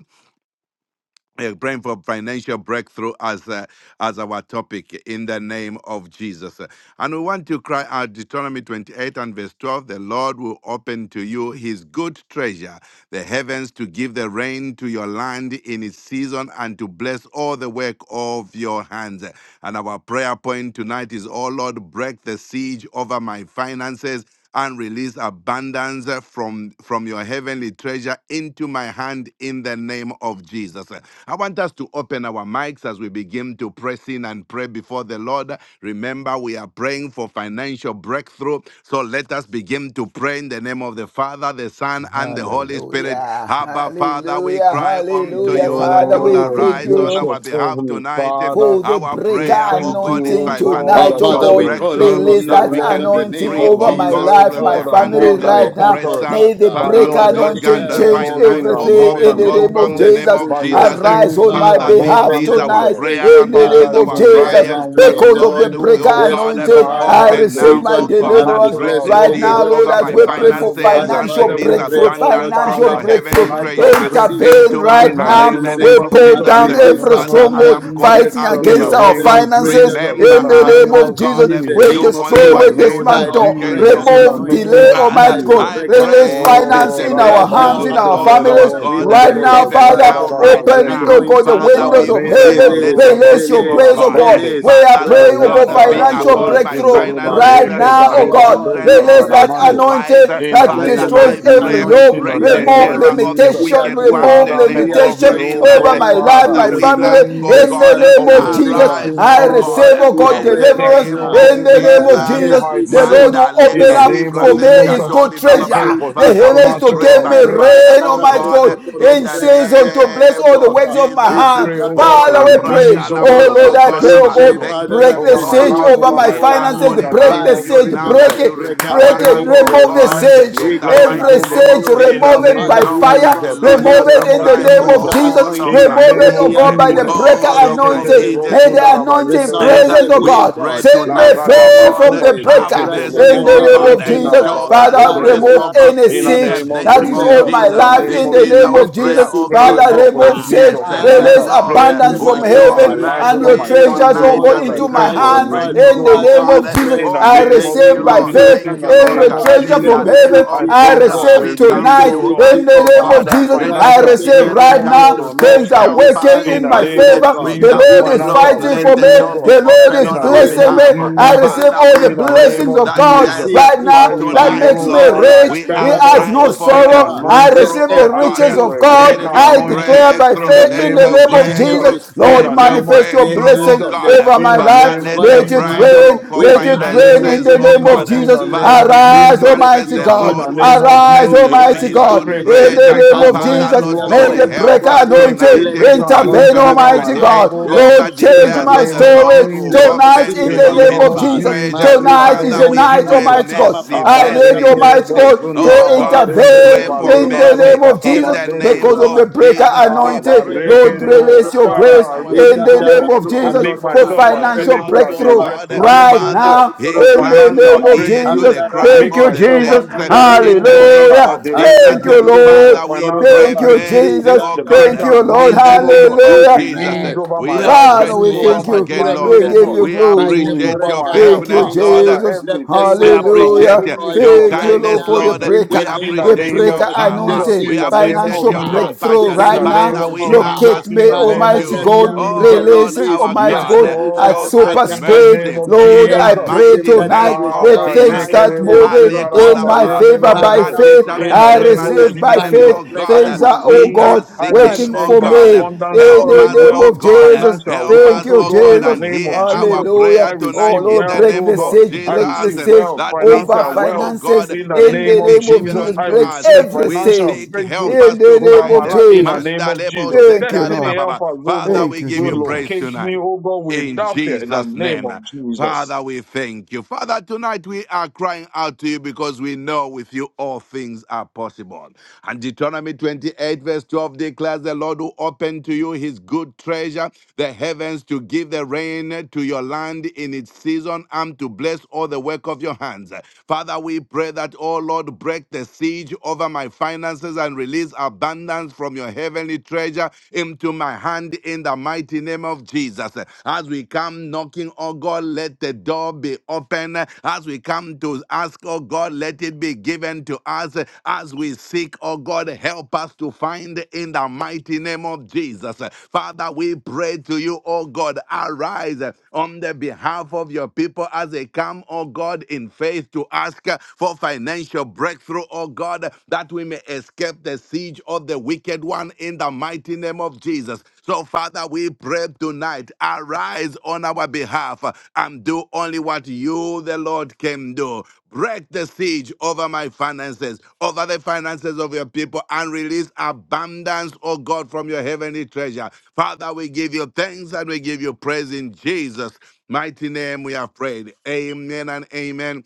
uh, praying for financial breakthrough as uh, as our topic in the name of Jesus. And we want to cry out Deuteronomy 28 and verse 12, the Lord will open to you his good treasure, the heavens to give the rain to your land in its season and to bless all the work of your hands. And our prayer point tonight is, oh Lord, break the siege over my finances and release abundance uh, from, from your heavenly treasure into my hand in the name of Jesus. Uh, I want us to open our mics as we begin to press in and pray before the Lord. Remember, we are praying for financial breakthrough. So let us begin to pray in the name of the Father, the Son, and the Holy Spirit.
Hallelujah,
Abba, Father, we
hallelujah,
cry unto
hallelujah.
you that
Father,
you'll
we
Oh,
thank
arise on
you.
gracious
our behalf
Heavenly
tonight.
Father,
for the
Our
we
breaker
prayer, oh
thank
God,
you,
is
O
anointing
by
God,
Our
tonight,
that
oh
by
financial
Father, we
your
God.
call
breakthrough
upon
grace,
Release
O
you
that
that
we
right
Lord,
now
can
in the
be
anointing
name
that
free,
of
over
oh
my
we,
Jesus,
God
oh
O
delivered
life,
from
my
God.
the
God, are
hand
We
family
more
of the
than
pray,
right now.
Abba
conquerors.
oppressor.
May the
Father.
By
Father,
breaker
Your
your
Lord,
word
God,
anointing
mercies,
declares
the
O
that
change
the
God,
Lord
we
finance,
are
will
oh
everything
more
God, the
in
open
than
the
you,
name
gospel
of
in
conquerors.
the
yes,
name
Jesus.
of
good
By your
Jesus. Eh,
treasure.
Arise
spirit,
on
we
my
are
Father,
Father,
this
more
behalf
than
open
is
the
our
good
tonight
conquerors.
prayer
treasure
in
and
the
this
now,
Father,
name
is
oh
of
our
God,
even
the
right
cry
Jesus.
eh,
now,
heavens to
we
that,
are
give
Because
the
of the
Lord,
praying,
rain
O
breaker
oh
God,
yes, to
God, eh,
your
anointing,
land
I
Father,
in
open
its
for
receive
now,
my
oh
season,
God,
and
and
to
deliverance.
break
bless
supernatural,
the
Right
O
all the
siege
now,
God,
work
Lord,
over
of
as
my
your
we pray
blessing,
hands.
O
for
God,
finances
And
we're
and
financial
Father,
praying,
we
release
O
pray,
breakthrough,
God,
oh Lord,
abundance from
financial
your
Father,
break,
for
oh
breakthrough,
heavenly
my God,
financial
treasure
the
breakthrough
siege
intervene
into
over
my
my
in
right
the
hands
now.
in
name
the
of
name
We
finances
of
pull
and
Jesus,
Jesus.
in
down
Eh,
the
release
every
name
Father,
of
I
stronghold
abundance,
am
Jesus,
calling
yes,
fighting
out
from
to
in the
against
you,
your
oh
our
name
God.
heavenly
of
finances
treasures
Jesus, in
Remember
in
into
the
the
us,
my
name
name
oh
of
of
hands
Jesus.
God. eh,
in the
We
Jesus,
Do
name of
only
in
destroy,
the
what
we
Jesus
you,
name
the
by
of
the
Lord,
dismantle,
can do.
breaker
Jesus, in the
remove
name
anointing,
delay,
of
Father,
by
Almighty
the
Jesus.
God.
I
breaker
Release
pray,
anointing.
let
finance
Oh,
the
in our
Right
mercy
Radaba
now,
hands,
of
in
the
Zeke,
our
Abba
Lord our
families.
Father,
Nerebo,
we
God, uh,
Right
pray
now,
Zundereba,
even
by
Father,
the
now, right
Zondaraba
breaker
open it,
Zeke,
now,
oh God, the
anointing of
Father,
La
windows
God.
we
of
reda
pray,
heaven.
let
Release,
the
barura
Release
mercy
your
of
basuta
release,
grace,
la
oh
God, uh,
God.
bande.
release.
We are
Father,
praying
Right
Oh
pray,
Lord
oh
now,
yes,
God,
God,
uh,
la
be
Almighty
financial
upon
rabodos
God,
my
breakthrough
right
kundere
now,
finances,
right
uh,
barreke
Jehovah
now, oh
my
our
tariba
God.
God,
children,
we
dosa
oh
Release
pray.
that
God,
Mm.
my
taramande.
wife. uh,
anointing
In the
that
Let
Father,
the
name of
destroys
I
breaker
every
pray.
Jesus, in
anointing
yoke.
the
be
Break the
at
name of
Remove
terror
work,
of the
Jesus.
be
limitation,
at
wicked one
work,
in
remove
the
Father,
name
be
let there
at
be,
limitation
of
work
oh
in
Jesus.
the
over
God,
my
name of
life,
Father,
Father,
my
a
Jesus
we
family.
Christ,
ask, oh
the
release
In the
Son
God,
of
name
the
of
of
your
living
Jesus,
God.
arise,
blessings,
I
oh
oh
Our
God,
God,
receive,
Father,
oh
we
that
God,
in
will
pray
the
take
right
deliverance.
me,
name
oh
now.
God,
of
In the
even to
name
a
of
Father,
Jesus.
new
Jesus,
every
height, oh
the Lord
God.
siege,
will
Mandale
In
the
open
the
que
up
name
siege
for
libras
of
is
me is
Jesus,
over.
good
escatori
I
The
bababa.
pray
siege
treasure.
for
The
is
Father, we
heavens to
over.
pray
give
supernatural
me
by
break.
fire,
rain,
oh
Marekatara
I
Almighty God,
God,
brokotoro
in
in
the
season
brekandere
to bless
name
all
name
the
of
works
brokotoroma.
of
Jesus.
my hand.
pray, oh God,
Isikatara
Oh,
for
Father,
a
we
Lambra
pray.
release, oh God,
Oh
of
brokosokotoroba.
Lord,
your
Calabrosco
I pray,
God,
We
oh
blessings,
Baba.
oh
pray,
God,
God,
Thank
Father,
you,
break
that
the
over
the
my
Jehovah
siege
life,
siege
God.
over
over
is
my
my
We are
over
family, in
finances.
calling
the
Break
out
name
the
by
to
of
the
you
siege.
now
reason of
Break
Jesus.
that
the
you
it.
breaker
I
Break
remember
pray,
it.
oh
us,
God,
oh
anointing
for a
of
Remove the
God,
God.
release of
siege.
your
in
We
the
call
blessings,
Every
mighty
oh
name
God,
upon
siege,
of
you.
in the
The
remove
Jesus,
it
name
by
Father,
of
we are
knowing
fire.
that the
Jesus, in
trusting
Lord
the
Remove
shall
you
name
it in
of
that
the
supply
the
name of
breaker
Jesus.
all
Jesus.
In
of
the
anointing
my
Remove
name
will
it, oh
of
be
needs,
God,
at
by the
Jesus,
work in
breaker
the
all of
name
my
of
anointing.
Jesus
May the
needs.
Christ, the
anointing
Son of
And uh,
presence,
the
oh
we
living
God,
pray
God.
set
La
me
Our
tonight, oh
Father,
free
we
radaba
God,
from
uh,
the
kuba
pray
a
have
breaker
shekete
right now in
mercy,
in
the
oh
lemunda
name
the
of
name
God,
of
uh,
reke na
Jesus.
Jesus,
show
raraba
us
Father,
by the
grace,
zenderebo.
remove
oh
blood
God.
of
any
In the
In the
Jesus,
siege
name of
name
that
with
is
the
of
on
help
Jesus,
my
of
in
the
Jesus,
the
life
Holy
name
in
this
of
the
Spirit,
is
name
Jesus,
our
of
let the
Jesus.
prayer,
I
seed
oh
pray, oh
be
God,
Father,
uh,
of
God, for a
remove
that
fire.
release
siege,
of
yes, uh,
Father,
the
release
from
financial
Lord uh,
every
breakthrough
abundance
will
from
marine
over
show
my
heaven
spirit,
life,
and
over
from
your
my
mercy
every
treasures,
family,
oh
oh
tonight
God,
demonic
as
God.
we
I
into
pray
my
cry
device
for
for a
of
hands
God,
release,
breakthrough,
in
oh
the
oh
God.
Father,
name
we
God.
of
uh,
Jesus.
pray
In the
I
Oh,
in
name
the
of
thank you,
receive
name of
by
Lord.
Jesus,
faith
Jesus
Thank
in
you,
the
Lord
the
name
every
God.
of
Father,
treasure
In
let
the
from
Jesus,
the
name
heaven.
siege
I
be
of
pray,
I
oh
Jesus,
God,
over.
for
receive
a
we
Let
release,
come
the
tonight
oh
to
siege
God.
in
ask,
be
the
oh
name
over.
God,
of
uh,
Father,
Jesus.
let
Right
I
it
now,
be
in
financial
the
receive
name
given. We
breakthrough,
of
right
oh
come
now.
God,
Jesus
to
on all
Christ,
seek
Things are
sides.
the
help us
working
Son
to
In
of
in
the
my
the
find
name
it.
of
living
favor.
God,
We
The
Jesus,
come
we
Lord
do
is
pray
not
financial
fighting
and
let
for
the
me.
breakthrough, oh
declare
door
God.
be
The
that
Lord
open
In
the
is
on
the
our
blessing
siege
name
blessing
of
is
me.
behalf.
I
over.
receive
Jesus.
Mm.
Father,
all
we
the
In the
pray
name
blessings
of
of
that
The
God
Jesus.
yes,
siege
right
is
I
for
now that
over.
really,
tonight,
makes me
oh
Lord,
Father, I
rich.
we
pray,
He
are
Marekatara
oh God,
has no
for
crying
a
for
break
a
sorrow.
brokotarababa.
I
Yeah,
anointing.
breakthrough,
receive
oh
the
I
Every
God.
pray
riches
siege
of
for a
God.
break
Let
against
your
our
I
anointing.
declare
finances,
by
In
breakthrough,
the
faith in
let
every
name
the
your
of
name of
delay,
Jesus.
breakthrough,
every
Jesus,
In
strong
Lord,
the
let your
man,
name of
manifest your
eh,
breakthrough,
the,
oh
blessing
Jesus.
and the
God.
over
God
In
my
of
the
um,
Father,
the
name
life.
let
of
God
the
of
Let it
Jesus.
Mammon,
breakthrough
rain.
for
we
Let
In
it
the
bind
rain
name
you
in
of
finances,
the
in
oh
the
name
Jesus.
of
God,
name
In
of
Jesus.
the name
Jesus.
Father,
of
be
We
made
Arise,
Jesus.
break
manifest.
Almighty
The
your
In
God.
the
Lord will
name
influence,
of
Arise,
open
control,
to
Jesus,
and
you
Almighty
his
I
God.
good
pray for a
In
manipulation.
treasure.
the name
breaker
And
of
Father,
Father,
anointing,
we
Lord
Jesus,
are
oh
may
God,
God.
the
calling
breaker
help
I
upon
us
you.
pray for a
tonight.
anointing
Let
breaker
the
For
siege
intervene,
anointing
be
Deuteronomy
over my
Almighty
life,
over.
28:12
oh
God.
Let
God.
Lord,
the
In
siege
change change
the
declares
be
my
that
name
the
of
over.
story
Lord will
Let
Jesus.
the
tonight
open
siege
in
In
to
the
the
you
be
name
name
his
of
of
good
over.
Jesus.
treasure.
Jesus. In the
Tonight
Marika
is
name
Father,
the
of
we
tere
night,
pray
Jesus.
braka
Almighty God.
papa
mercy,
papa
I need
raka
you,
mercy,
tere
Almighty
pa.
Abarekerebo
mercy.
God,
Oh
to
Isa
zundaraba
God,
tere
we pray
bruko
intervene
zendeleba
for
in
toro
leba
the
mercy.
name
baraka
roka
of
In
tere
Jesus
the
bruko
tabaneto
name
because
toro
of
zubuke.
ba.
the
of
breaker
Jesus,
Ah,
we
Amarika
anointing.
tere
pray
Lord,
bruko toro
release
Barekerebo.
your
arise
bro
Father,
ba.
grace
on
I
our
in
release,
Eka
the
oh
behalf.
tere
name
God,
of
Your
bruko
and
Jesus
make
toro
people
for
are
myself
bruke
crying
tere
financial
available
bruko
out,
as
oh
a
toro ba.
breakthrough
God.
recipient,
right
Amdara
oh
Father,
God,
now
bruko toro
of
in
bruko
the
incline
toro
your
name
financial
ba.
of
ear to
breakthrough,
Jesus.
the
Amdara
and
cry
Thank
make
bruko
you,
of the
toro
myself
Jesus.
saints
bruka tere
in
available, oh
bruko
the
God,
toro
name
ba.
as
Hallelujah.
a
of
Thank
Jesus.
Amdara
you,
recipient, oh
bruko
God,
Lord.
of
Father, we
toro bro
pray
financial
Thank
ba.
you,
breakthrough.
mercy,
Jesus.
Let
Eka
oh
the
Thank
breaker
God.
you,
bruko
Lord.
In the
anointing,
toro
oh
ba.
name
God,
We
of
Hallelujah.
Jesus,
release
pray,
over my
we are
break
life,
the
Father, we
release
grateful
over
siege.
thank
once
my
again,
you.
Break
family,
We
Lord.
the
oh
give
God.
you
siege
We
by
Release
the
glory.
appreciate
over
your
breaker
my health.
Thank you,
faithfulness,
Ah,
Lord.
anointing.
Father,
Jesus.
Let the
everything,
We
oh
siege
God,
be
that will
Hallelujah.
appreciate uh,
bring me
destroyed
to
your
a
Thank you,
right
place
Lord,
kindness,
of
for
now
the
greatness.
Lord.
in
breaker,
We
the
In
name
the
the
of
appreciate
name
your
of
breaker
Jesus. The
power.
Jesus, in
anointing,
We
the
siege
name
is
of
appreciate
financial
your
over.
Jesus.
breakthrough
The
compassion.
In
right
the
siege
name
now.
Father,
is
of
we are
Jesus,
over.
Locate
in
me,
asking
the
of
name
Father,
of
Almighty
you,
let there
God.
be a
oh
Jesus.
Release
Lord
it,
release
our
Almighty
by
Yes,
God,
God,
the
uh,
reason of
at
show
the
Lord.
us
super
breaker
In the
speed.
name
mercy
of
anointing.
Lord,
in
I
the
Jesus.
pray
Everything
mighty
that has
tonight.
name
Ah,
of
Let
withheld
things
Jesus. Uh,
start
barekerebo,
finances from
Male
moving
us,
in
Koda
oh
zindararaba,
my
Baba.
God,
favor
From
by
yendelelebo.
Father,
Matthew
faith.
In
break
chapter
the
I
the
7
name
and
of
siege
receive
verse
by
by
7,
the
faith.
Jesus,
oh God.
I
God.
breaker
Uh,
Things are, oh
We
receive,
anointing
are
God,
I
and
seeking,
working
oh
make
receive
for
an
a
God.
way.
Uh,
me
abundance
in
of
Help
Oh
the
great
us,
God.
name
oh
wealth,
of
God. Uh,
Jesus.
financial
Help
Thank
wealth,
us,
oh
you,
oh
God,
God,
in the
Jesus.
and
name of
hear our
Jesus. I
prayer
Hallelujah. Oh
receive
tonight in
Lord,
the
wealth,
break
name
oh
the
God.
of
siege,
I
Jesus
break the
receive
uh,
siege
wealth,
that we
over
financial
ask, oh
wealth.
finances.
God,
In the
In
let
name
the
it
of
be
name of
given
Jesus,
Jesus,
I
unto
break
us. Uh,
receive
every
We
siege.
financial
seek,
breakthrough
help
In
us
the
to
over
name
find.
my
of
life. In the
Jesus.
name
Manda
of
lebo
Jesus,
Thank you,
seta
destiny
Lord.
help
ribababa.
us, oh God,
Father,
Thank
we
you,
give
will
you praise
locate
Jesus.
me,
tonight
oh God,
in
without fear. In the
Jesus'
name
name.
of Jesus.
Father, we thank you. Father, tonight we are crying out to you because we know with you all things are possible. And Deuteronomy 28, verse 12 declares the Lord will open to you his good treasure, the heavens, to give the rain to your land in its season and to bless all the work of your hands. Father, we pray that, oh Lord, break the siege over my finances and release abundance from from your heavenly treasure into my hand in the mighty name of Jesus. As we come knocking, oh God, let the door be open. As we come to ask, oh God, let it be given to us. As we seek, oh God, help us to find in the mighty name of Jesus. Father, we pray to you, oh God, arise on the behalf of your people as they come, oh God, in faith to ask uh, for financial breakthrough, oh God, that we may escape the siege of the wicked one in the mighty name of Jesus. So, Father, we pray tonight, arise on our behalf behalf uh, and do only what you, the Lord, can do. Break the siege over my finances, over the finances of your people, and release abundance, O God, from your heavenly treasure. Father, we give you thanks and we give you praise in Jesus' mighty name. We have prayed. Amen and amen.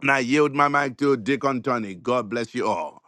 And I yield my mic to Deacon Tony. God bless you all.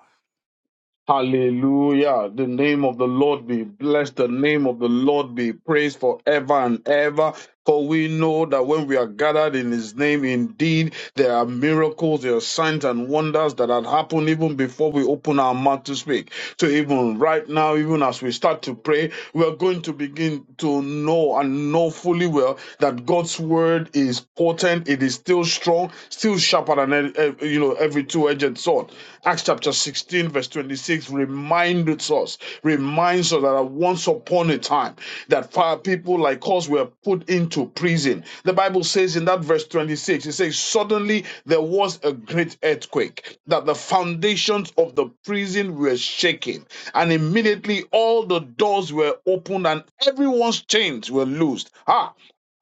Hallelujah. The name of the Lord be blessed. The name of the Lord be praised forever and ever. For we know that when we are gathered in his name, indeed, there are miracles, there are signs and wonders that had happened even before we open our mouth to speak. So even right now, even as we start to pray, we are going to begin to know and know fully well that God's word is potent. It is still strong, still sharper than any- eh, you know every two-edged sword. Acts chapter 16, verse 26 reminds us, reminds us that at once upon upon a time that fire people like us were put into prison. The Bible says in that verse 26, it says, Suddenly there was a great earthquake, that the foundations of the prison were shaken, and immediately all the doors were opened and everyone's chains were loosed. Ah,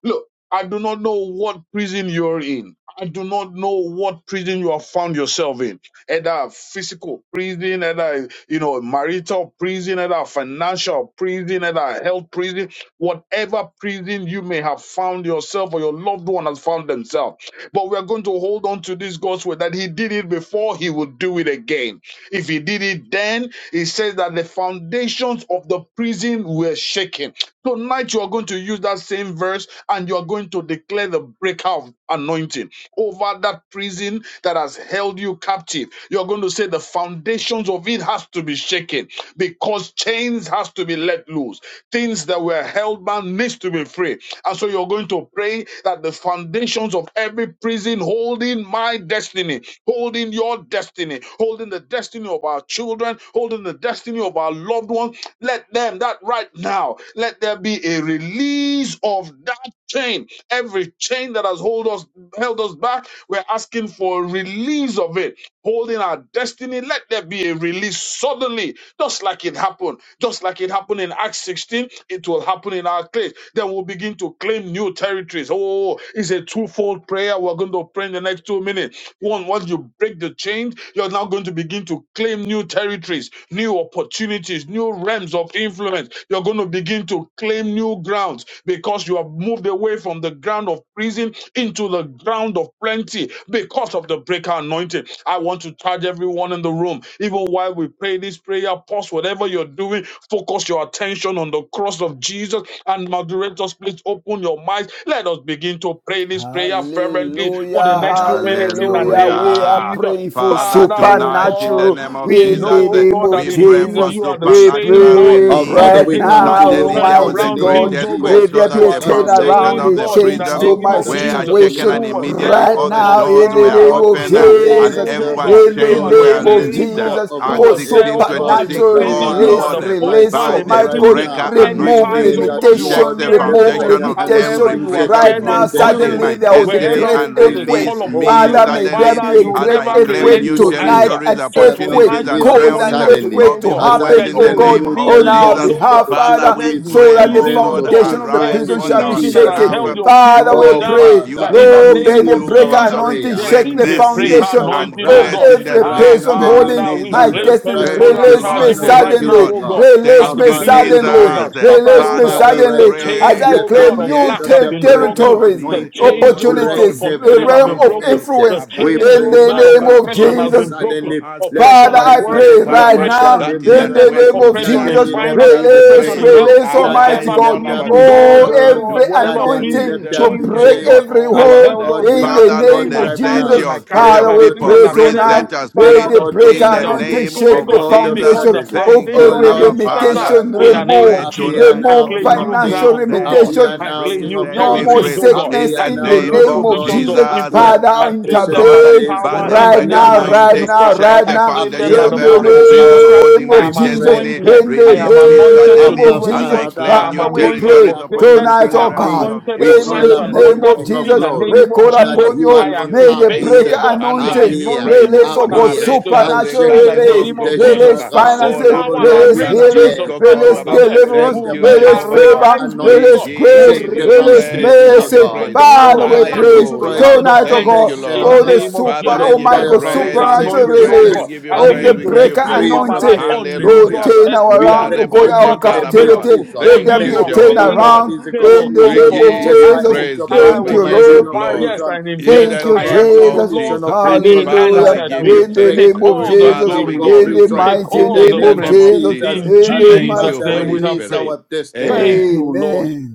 Look, I do not know what prison you're in. I do not know what prison you have found yourself in either physical prison, either, you know, marital prison, either financial prison, either health prison, whatever prison you may have found yourself or your loved one has found themselves. But we are going to hold on to this gospel that he did it before, he will do it again. If he did it then, he says that the foundations of the prison were shaken. Tonight, you are going to use that same verse and you are going to declare the breakout anointing over that prison that has held you captive. You are going to say the foundations of it has to be shaken because chains has to be let loose. Things that were held bound needs to be free. And so you're going to pray that the foundation foundations of every prison holding my destiny, holding your destiny, holding the destiny of our children, holding the destiny of our loved ones. Let them, that right now, let there be a release of that chain. Every chain that has hold us, held us back, we're asking for a release of it holding our destiny. Let there be a release suddenly, just like it happened. Just like it happened in Acts 16, it will happen in our case. Then we'll begin to claim new territories. Oh, it's a twofold prayer. We're going to pray in the next two minutes. One, once you break the chains, you're now going to begin to claim new territories, new opportunities, new realms of influence. You're going to begin to claim new new grounds because you have moved away from the ground of prison into the ground of plenty because of the breaker anointing. I want to charge everyone in the room, even while we pray this prayer, pause whatever you're doing, focus your attention on the cross of Jesus. And moderators, please open your minds. Let us begin to pray this prayer fervently
Hallelujah,
for the
Mm.
next two minutes in the
hallelujah.
name of
We are
Hallelujah.
Jesus.
praying for
Father,
Father, oh
tonight in
God,
the
supernatural
name of
we
in the
Jesus, eh,
know,
name
God, that
of
we pray
indeed
for
Jesus.
you are the
We
same
supernatural
God
pray
Our
who
release.
Father,
is
Eh,
right
we come
able
now,
to
to
you
Suddenly
right
turn
there
now in
was
the
Almighty
a
around
name
great
God.
things,
of
oh God.
earthquake
Jesus
Let
so
there
Christ,
You
be
that
the
a
are
the
the
Son of the
foundation
turnaround,
same
living
of
a
the
God
God.
in the
change
prison
to
Our
name
my
of
Father, we are
were
Jesus
shaken
calling
situation
who
and
was
upon you,
there,
the
immediately
right
all
oh
the
now
covenant
God,
doors
in the
keeping
were
Father,
name
God,
of
with
open
the
the
um,
way
and
Jesus.
apostles, oh
maker,
everyone's
God.
the
In the
You are
chains
glory
the
were
name
and the
of
same
loosed. Eh,
lifter
God
Jesus,
of
who
Acts
for
our
was there,
heads, O
16
oh God,
God.
in the
26.
supernatural
The
prison.
oh
You were
release,
Father,
the
Lord, eh,
fourth
my
release.
man
So,
by
God,
in the
the
might
right
God
prison.
breaker
now,
Many
we
remove
times,
pray
anointing,
oh
that,
God, you
shake
Lord,
limitation,
the
appeared,
the
oh
remove
God.
foundation
breaker
of
And wherever
limitation.
every
anointing
you
shake the
Right
appear,
prison
there
now,
is
holding
foundation
suddenly
my
miracle.
there
of
was a
Wherever,
destiny
great
every
oh
and
God, they
earthquake.
prison
call
release
upon
me
you,
holding
Father,
my
may there
suddenly
Father,
be a
you
destiny
will
as
great
I
never
and
claim
earthquake
relent
new
to
release
tonight,
me,
answer.
territories,
an
So
sud- um,
earthquake.
tonight
opportunities,
we
and
release
are
me
Cause an
realms
calling unto
suddenly
you,
earthquake
O
of
to
God,
as I
influence
that
happen,
in
you
oh
the
will
claim
God,
name
new
of
on
release
our
us,
Jesus.
territories,
O God,
behalf,
Father,
from
we
Father,
opportunities,
every
so
pray,
that
and
the
oh
prison,
realms
O
God,
of
God,
foundation of the
arise
influence
prison
every
on
shall
in
be
our
prison that
Jesus'
has
behalf.
shaken.
held
name.
your
Father,
Do
people
we
Oh,
only
down,
what
pray,
you,
that
Father,
the
in the
Lord,
Lord,
this
may
name
can
the
of
is
do.
breaker
our
Father,
Jesus,
we
anointing
prayer.
there
pray
shake
is
the
a
This
breaker
mercy
is
foundation
our
and
anointing, O
of
cry.
grace
God.
in the
every
Right
Ah,
now,
name
in
person
the
of
name
holding
Father,
of
we
my
Jesus.
claim
Jesus
destiny.
Christ,
Thank
territorial
you,
the
Release
charge
me
Son
Lord.
of
even
the
right
Thank you,
now,
suddenly.
living
Lord.
oh God,
God.
as
Release
Our
Thank
the
me
you,
Father, we
prison
suddenly.
doors
pray
Jesus.
are shattered,
that,
Release
oh
me
Father,
God.
Father,
we
right
The
suddenly
now,
as
pray
chains,
I
oh
let the
that
God,
claim
of
Almighty
new
lack
God,
yes.
have
the
ter-
been
The
breaker
broken.
Lord
territories,
The
is
anointing,
chains,
able
oh
to
God, of
break
opportunities,
do
the
every
frustration have
realm
been
of
broken.
exceedingly
foundation.
The
influence
We
chains,
in
oh
pray,
abundantly
the
God, of
Father,
name
the
above
of
oppression
all
God
we
has
of
can
been
Jesus.
think
broken.
or
suddenly
ask
let
Oppression
Father,
at
uh,
I
according to
work,
the
pray
suddenly
right
power
let
oppression
there be
now
that
in
is
in
at
business,
the
miracles.
work
name of
within
oppression
us.
in
Jesus,
Suddenly
Lord,
let
finance,
there
we
be
release,
oppression
pray,
in
breakthrough.
health,
release, Almighty
Suddenly
whatever
arise
God.
let
on
there
our
be
prison
behalf.
doors,
Oh,
oh
turnaround.
God,
every
Do only
whatever
what
Suddenly
you,
prison
anointing
let
the
to
there
Lord,
be
chains,
break
can
oh God
do,
change.
every
oh
has
Our
hold
held
God.
God,
us
we
in
are
down,
the
Father,
oh God,
Lord,
in
praying
name
they
my
of
right
set
family, in
now.
my
your,
Jesus.
The
career, in
your
Father,
my
we
God
people
business,
of
pray
free,
academia.
tonight.
set
suddenly,
us
the
Let
free
Father, the
the
God of
breaker
in
chains
the
are
suddenly,
anointing
name
broken,
the
oh
shake the
of
God,
God of
Jesus.
because
foundation
the
suddenly.
of
Thank
Oh
you,
foundation
every
Lord,
Abba
is shattered
Father.
appear
limitation.
in
We
the
now.
name
pray
of
Remove,
Jesus.
Appear
tonight,
I
now,
remove
oh
claim
King of
new
God,
Kings.
financial
grounds, oh
set
God.
me
Appear
I
limitation.
now,
claim
free,
King
new
of
set
No
me
no
Glory.
more
territories,
free
oh God.
in
sickness
I
Appear
the
in
now,
the
claim
name
Lord
new
name
of
of
of
Lords.
positions of
Jesus.
Jesus.
influence.
Appear
I
now,
Father,
claim
Ancient
them
of
by
Lord,
the
Days.
intervene
by
power
the
in the
right
break
Appear
name
now,
of
now,
right
anointing,
Jesus
faithful
now,
Christ.
shake
God.
right
I
the
now,
claim
Happy
them
foundation
by
Appear
the
of
in
blood
now,
every
of
O
of Jesus
prison
powerful
Christ,
the
God,
name
holding
I
my
we
of
am
Jesus,
pray.
destiny.
Mm.
anointed.
in
I
the
am
Release me
anointed to
name
suddenly
Abba
of
do
as
Jesus.
I
exploits.
claim
I
Father,
am
new
Father, we
we
anointed
call
pray
territories,
for
upon
greatness.
you,
opportunities,
tonight,
King
and
I
oh
of
am
realms
God.
Kings.
of
anointed
We
for
In
call
signs
influence
the
in
and
the
upon
name
you,
name
wonders.
of
King
of
of
In
Jesus,
the
Jesus.
we
Glory,
name of
call
Father,
that
Jesus,
we
upon
you
you.
I
give
alone
you
May the
activate,
thanks
breaker
oh
appear,
God,
and
the
we give
anointing
you
appear,
anointing,
praise.
oh
Release, oh
God, that
God,
appear,
breaks the
Mareka
and
yoke.
supernatural
shake
In the
the
sekale
release.
name of
brosko
foundation
Jesus,
Release
of
korbaba.
the
God.
same
finances.
Oh
power that
Lord,
Olambria
Release
we
raised
kala
healing.
Jesus
pray.
brosko
Christ
Oh
Release
from the
korbaba.
God,
dead
let
deliverance.
Thank
will
them
you,
ma-
by the
Release
Jehovah
breaker
God.
favor.
arise me, oh
We
anointing.
Release
God, will
grace.
Shake
give
the
you
raise
Release
me,
praise.
oh
We
foundation
God,
give
of
mercy.
you
from
God.
praise.
the land
Oh
Father,
of
we
Father,
lacking
pray
to the
Hallelujah.
destroy
land
the
of
tonight, oh
Thank
plenty.
you,
God,
foundation
In
of
the
for
Lord.
the
God.
name of
super,
Father,
Jesus,
we
oh
give
my
by
you
Render
the
the
God,
praise,
breaker
we give
foundation
you
supernatural
anointing, oh
praise,
release
we
useless,
God,
give you
I
and
of
we
the
praise,
begin
we
to
give
break
you
breaker
decree
praise.
free
over my
from
life
anointing.
every
Lord,
Hallelujah.
unusual
prison
turn
we
testimony,
around, oh
break
Ndarebo
God,
free
our
from
unusual
every
sekarababa.
miracles,
captivity.
prison
Let there
Thank
be
you,
a
unusual
mental
turn
Jehovah
prison,
favors.
around
God.
They
physical
will
in the
We
come
prison,
from
name of
all
give
yes,
you
Jesus.
angles,
financial
praise,
and I
Lord.
Thank
We
prison,
will
you,
give you
Lord.
material
testify. Yes,
glory
prison,
and
in
indeed,
yes,
Thank
the
oh
you,
I
God,
name
asked of the
of
Jesus.
Lord,
institutional
Jesus.
and He
prison.
Father,
Hallelujah.
we
answered
Father,
give
me.
we
you
In the
break
Take
thanks.
name of
through
all the
from
Jesus.
Father, we
glory,
legal
give
Lord.
In
you
the
prison
Take
praise
mighty
in the
all
in
the
name
the
name
of
name
of
praise.
of
Jesus.
Jesus.
Jesus.
In
In
And
the
the
Thank
Jesus'
mighty.
you,
Father,
name
Holy
we have
release
Spirit.
prayed.
our destiny.
Thank
Amen.
you, Lord.
Amen.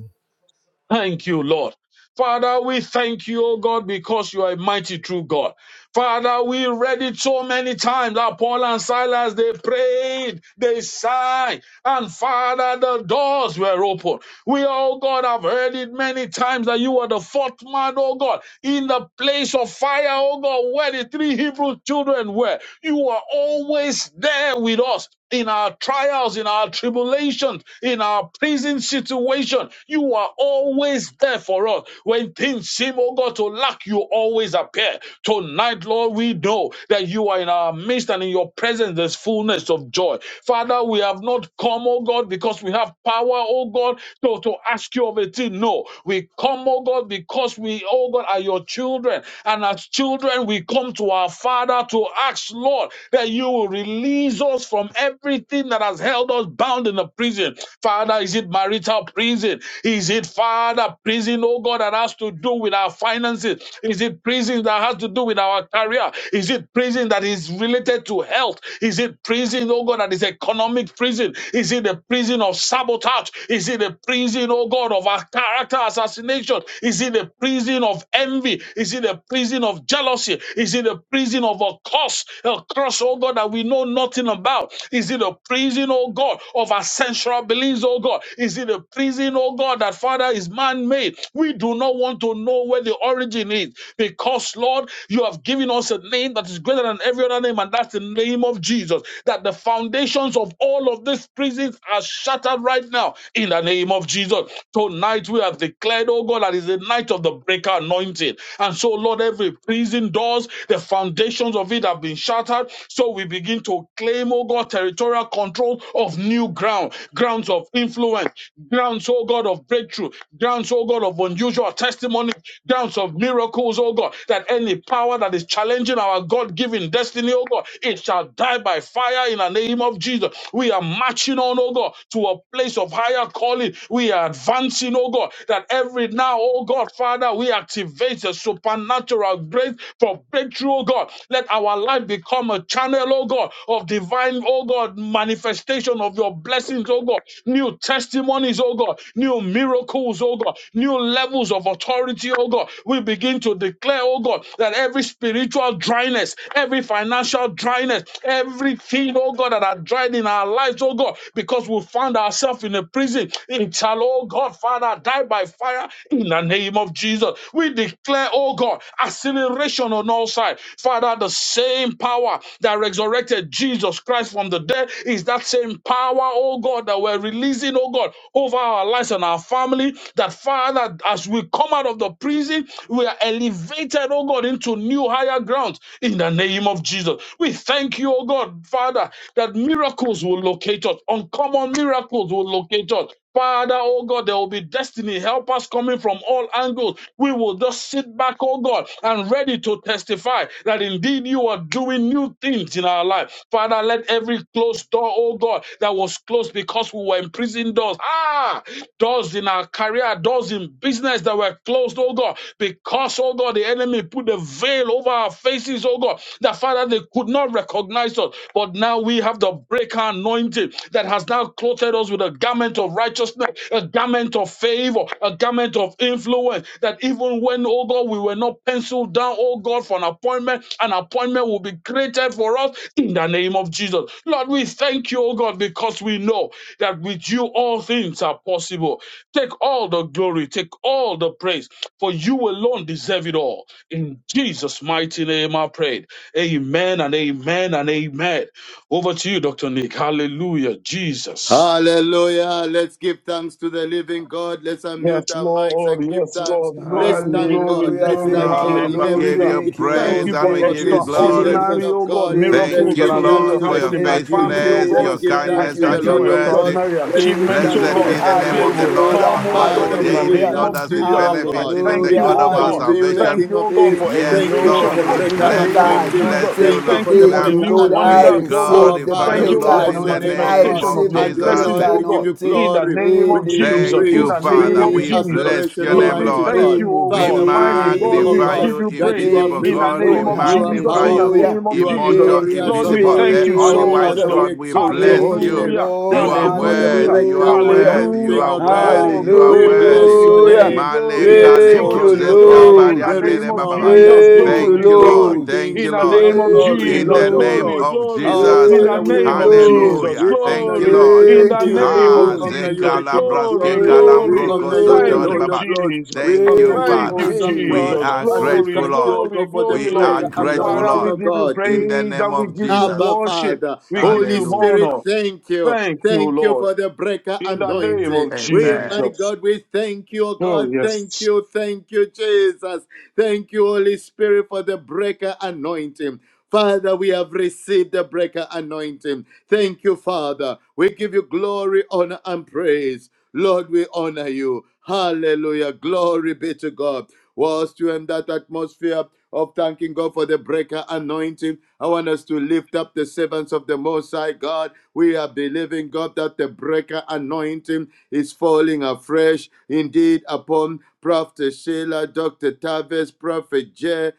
Thank you, Lord. Father, we thank you, O God, because you are a mighty true God. Father, we read it so many times that Paul and Silas, they prayed, they sighed, and Father, the doors were open. We, oh God, have heard it many times that you were the fourth man, oh God, in the place of fire, oh God, where the three Hebrew children were. You were always there with us in our trials, in our tribulations, in our prison situation. You are always there for us. When things seem, oh God, to lack, you always appear. Tonight, Lord, we know that you are in our midst and in your presence there's fullness of joy. Father, we have not come, oh God, because we have power, oh God, to, to ask you of a thing. No, we come, oh God, because we, oh God, are your children. And as children, we come to our Father to about to ask, Lord, that you will release us from everything that has held us bound in the prison. Father, is it marital prison? Is it, Father, prison, oh God, that has to do with our finances? Is it prison that has to do with our career? Is it prison that is related to health? Is it prison, oh God, that is economic prison? Is it the prison of sabotage? Is it the prison, oh God, of our character assassination? Is it the prison of envy? Is it a prison of jealousy? Is it a prison of a curse? A curse, oh God, that we know nothing about? Is it a prison, oh God, of our sensual beliefs, oh God? Is it a prison, oh God, that Father is man made? We do not want to know where the origin is because, Lord, you have given us a name that is greater than every other name, and that's the name of Jesus. That the foundations of all of these prisons are shattered right now in the name of Jesus. Tonight, we are we have declared, oh God, that is the night of the breaker anointing. And so, Lord, every prison doors, the foundations of it have been shattered. So we begin to claim, oh God, territorial control of new ground, grounds of influence, grounds, oh God, of breakthrough, grounds, oh God, of unusual testimony, grounds of miracles, oh God, that any power that is challenging our God given destiny, oh God, it shall die by fire in the name of Jesus. We are marching on, oh God, to a place of higher calling. We are advancing, oh God, that every now, oh God, Father, we activate the supernatural grace for breakthrough, oh God. Let our life become a channel, oh God, of divine, oh God, manifestation of your blessings, oh God, new testimonies, oh God, new miracles, oh God, new levels of authority, oh God. We begin to declare, oh God, that every spiritual dryness, every financial dryness, every thing, oh God, that are dried in our lives, oh God, because we found ourselves in a prison. It shall, oh God, Father, die by fire in the name of Jesus. We declare, oh God, acceleration on all sides. Father, the same power that resurrected Jesus Christ from the dead is that same power, oh God, that we're releasing, oh God, over our lives and our family. That Father, as we come out of the prison, we are elevated, oh God, into new higher ground ground in the name of Jesus. We thank you, oh God, Father, that miracles will locate us, uncommon miracles will locate us. Father, oh God, there will be destiny. Help us coming from all angles. We will just sit back, oh God, and ready to testify that indeed you are doing new things in our life. Father, let every closed door, oh God, that was closed because we were in prison doors, ah, doors in our career, doors in business that were closed, oh God, because, oh God, the enemy put a veil over our faces, oh God, that Father, they could not recognize us. But now we have the breaker anointing that has now clothed us with a garment of righteousness, a garment of favor, a garment of influence. That even when, oh God, we were not penciled down, oh God, for an appointment, an appointment will be created for us in the name of Jesus. Lord, we thank you, oh God, because we know that with you all things are possible. Take all the glory, take all the praise, for you alone deserve it all. In Jesus' mighty name, I prayed. Amen and amen and amen. Over to you, Dr. Nick. Hallelujah, Jesus.
Hallelujah. Let's give thanks to the living God. Let's
Yes,
unmute our mics
Lord.
and give
Yes,
thanks.
Lord.
Let's
Glory,
thank
glory,
God.
Hallelujah.
Let's
glory.
thank
Thank
God.
you,
Lord,
In
we
Lord.
give
Hallelujah.
everything,
you
Thank
give
you,
Thank
thanks,
praise
you
Lord.
and
for
we
for
Thank
give
you,
you
this is the
glory.
will
extraordinary,
Jesus.
of
oh God,
God.
Thank
Let's
Thank
you,
miracles
you,
that
give
are going
thanks
to
Lord,
to
for
the
Jesus.
happen
your
in
King
my
Thank
of
you,
Kings.
family, oh
faithfulness,
God.
Let's
your
Jesus.
give
I
Thank
thanks
kindness,
to
you,
the
thank
and
you
your
for
Lord of
Jesus.
Lords.
mercy.
extraordinary
Let's give
Thank
achievements,
you,
oh
thanks to
Blessed
the
Lord.
God.
be the name
They
of
Almighty
the
will
God.
Lord
Hallelujah.
our
come, oh
God, who
God,
Father,
in
we
the
give
daily,
Hallelujah.
name
Lord,
of
thanks
as
to
it
you,
Jesus.
O
I
benefits
God.
even
thank
the
We
Hallelujah.
you,
God
give
oh
of our
thanks
God.
to you, the
Thank
salvation.
Hallelujah.
King
you, oh
of
God,
Kings.
for
Thank you,
admission
Yes,
Thank you
Lord,
for
Lord,
the
for the
we
in
breaker
the
bless
name
breaker
you,
of
we
anointing.
Jesus.
bless you,
anointing.
Thank you
Thank
for
Lord.
you
the
for
Thank
the
you,
breaker
new
Lord.
one,
I
We
anointing.
God
Our
receive the
glorify
Father,
you,
we
breaker
Lord,
bless
in
your
the
anointing.
name, O
I
name
God.
manifestation of
of
receive the
your
And your
blessings,
breaker
Lord,
Jesus.
oh
we give
God,
you
anointing
in the
glory.
name
We
in
of
the
give you
Jesus,
Thank
name
in
you,
praise.
the
of
We
name
Father.
give
of
you
We
Jesus.
Jesus.
bless
adoration,
your
Lord,
In
name,
we
the
Almighty
Lord.
thank
God.
you,
name
oh
of
We
Father,
God.
we
Mighty
thank you,
God,
O
we
magnify
God,
give
you,
Jesus.
you
that
praise
you are
invisible
Thank
in
you,
the
God. We
name
faithful,
Lord.
of
you are
Jesus,
magnify
in the
you,
powerful,
Hallelujah.
name of
you are
Jesus.
immortal,
Thank you,
glorious,
Lord,
O
we
invisible,
God.
thank
the
you
only
Our
so
wise
much,
Father,
Jesus.
Lord.
we
God. We
exalt your
bless
Thank
holy
you,
you.
name.
Hallelujah,
Lord.
You
Thank
are
you for the
hallelujah,
worthy. You
breaker
are
Hallelujah.
worthy. You
anointing,
hallelujah.
are
O God.
worthy.
Oh,
You are
We
glory,
worthy.
bless
glory,
your
Hallelujah.
glory,
name.
glory,
We
Maleka
Thank
exalt
you,
glory,
you, O
lebrozeska
God.
glory, in
Lord.
the
There
name
is
pariandere
of
no
bababa.
one like
Jesus,
Thank
you,
you,
glory,
Thank you,
King
glory,
Lord.
of
Lord.
Thank
in
you,
kings,
the
King
Lord.
name
of
of
Thank
glory,
you,
In
Jesus,
the
Lord of
name
Lord.
glory,
lords.
of
glory,
Our
Jesus.
in the
Father,
Thank
we
you,
name of
honor you.
Lord.
Jesus,
Hallelujah.
We
Thank
honor
you,
you,
glory.
the King
Lord.
In
of
Thank
the
you,
kings.
name
We
of
Ah,
Lord.
honor you,
Jesus,
the King of
Zekalabraske
glory,
glory.
Thank
We
glory.
you,
Kalambroko
honor you, the
Thank
Sotori
Lord.
you,
Lord
Baba.
of lords.
Jesus.
We
Thank
honor
you,
Thank
you,
you,
Thank you,
Father.
awesome
We
God.
Jesus.
are
And
Jesus.
we
Glory,
grateful,
thank you, O
Lord.
glory,
God, for the
glory,
We
Lord.
are
breaker
Thank you,
grateful,
Lord.
Father,
anointing,
we
O
Lord.
give you
God.
In the
praise
name
and we
of
give you
Jesus.
Abba,
worship.
Father.
We give
Holy
you
Spirit,
Hallelujah.
honor.
thank you.
Thank you,
Thank you
Lord.
for the breaker
In the name
anointing.
of
We,
Amen.
my
Jesus.
God, we thank you, oh
Oh,
God. Thank
yes.
you. Thank you, Jesus. Thank you, Holy Spirit, for the breaker anointing. Father, we have received the breaker anointing. Thank you, Father. We give you glory, honor, and praise. Lord, we honor you. Hallelujah. Glory be to God. Whilst you in that atmosphere of thanking God for the breaker anointing, I want us to lift up the servants of the Most High God. We are believing, God, that the breaker anointing is falling afresh indeed upon Prophet Sheila, Dr. Tavis, Prophet Jay,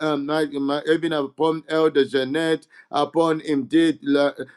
um, even upon Elder Jeanette upon indeed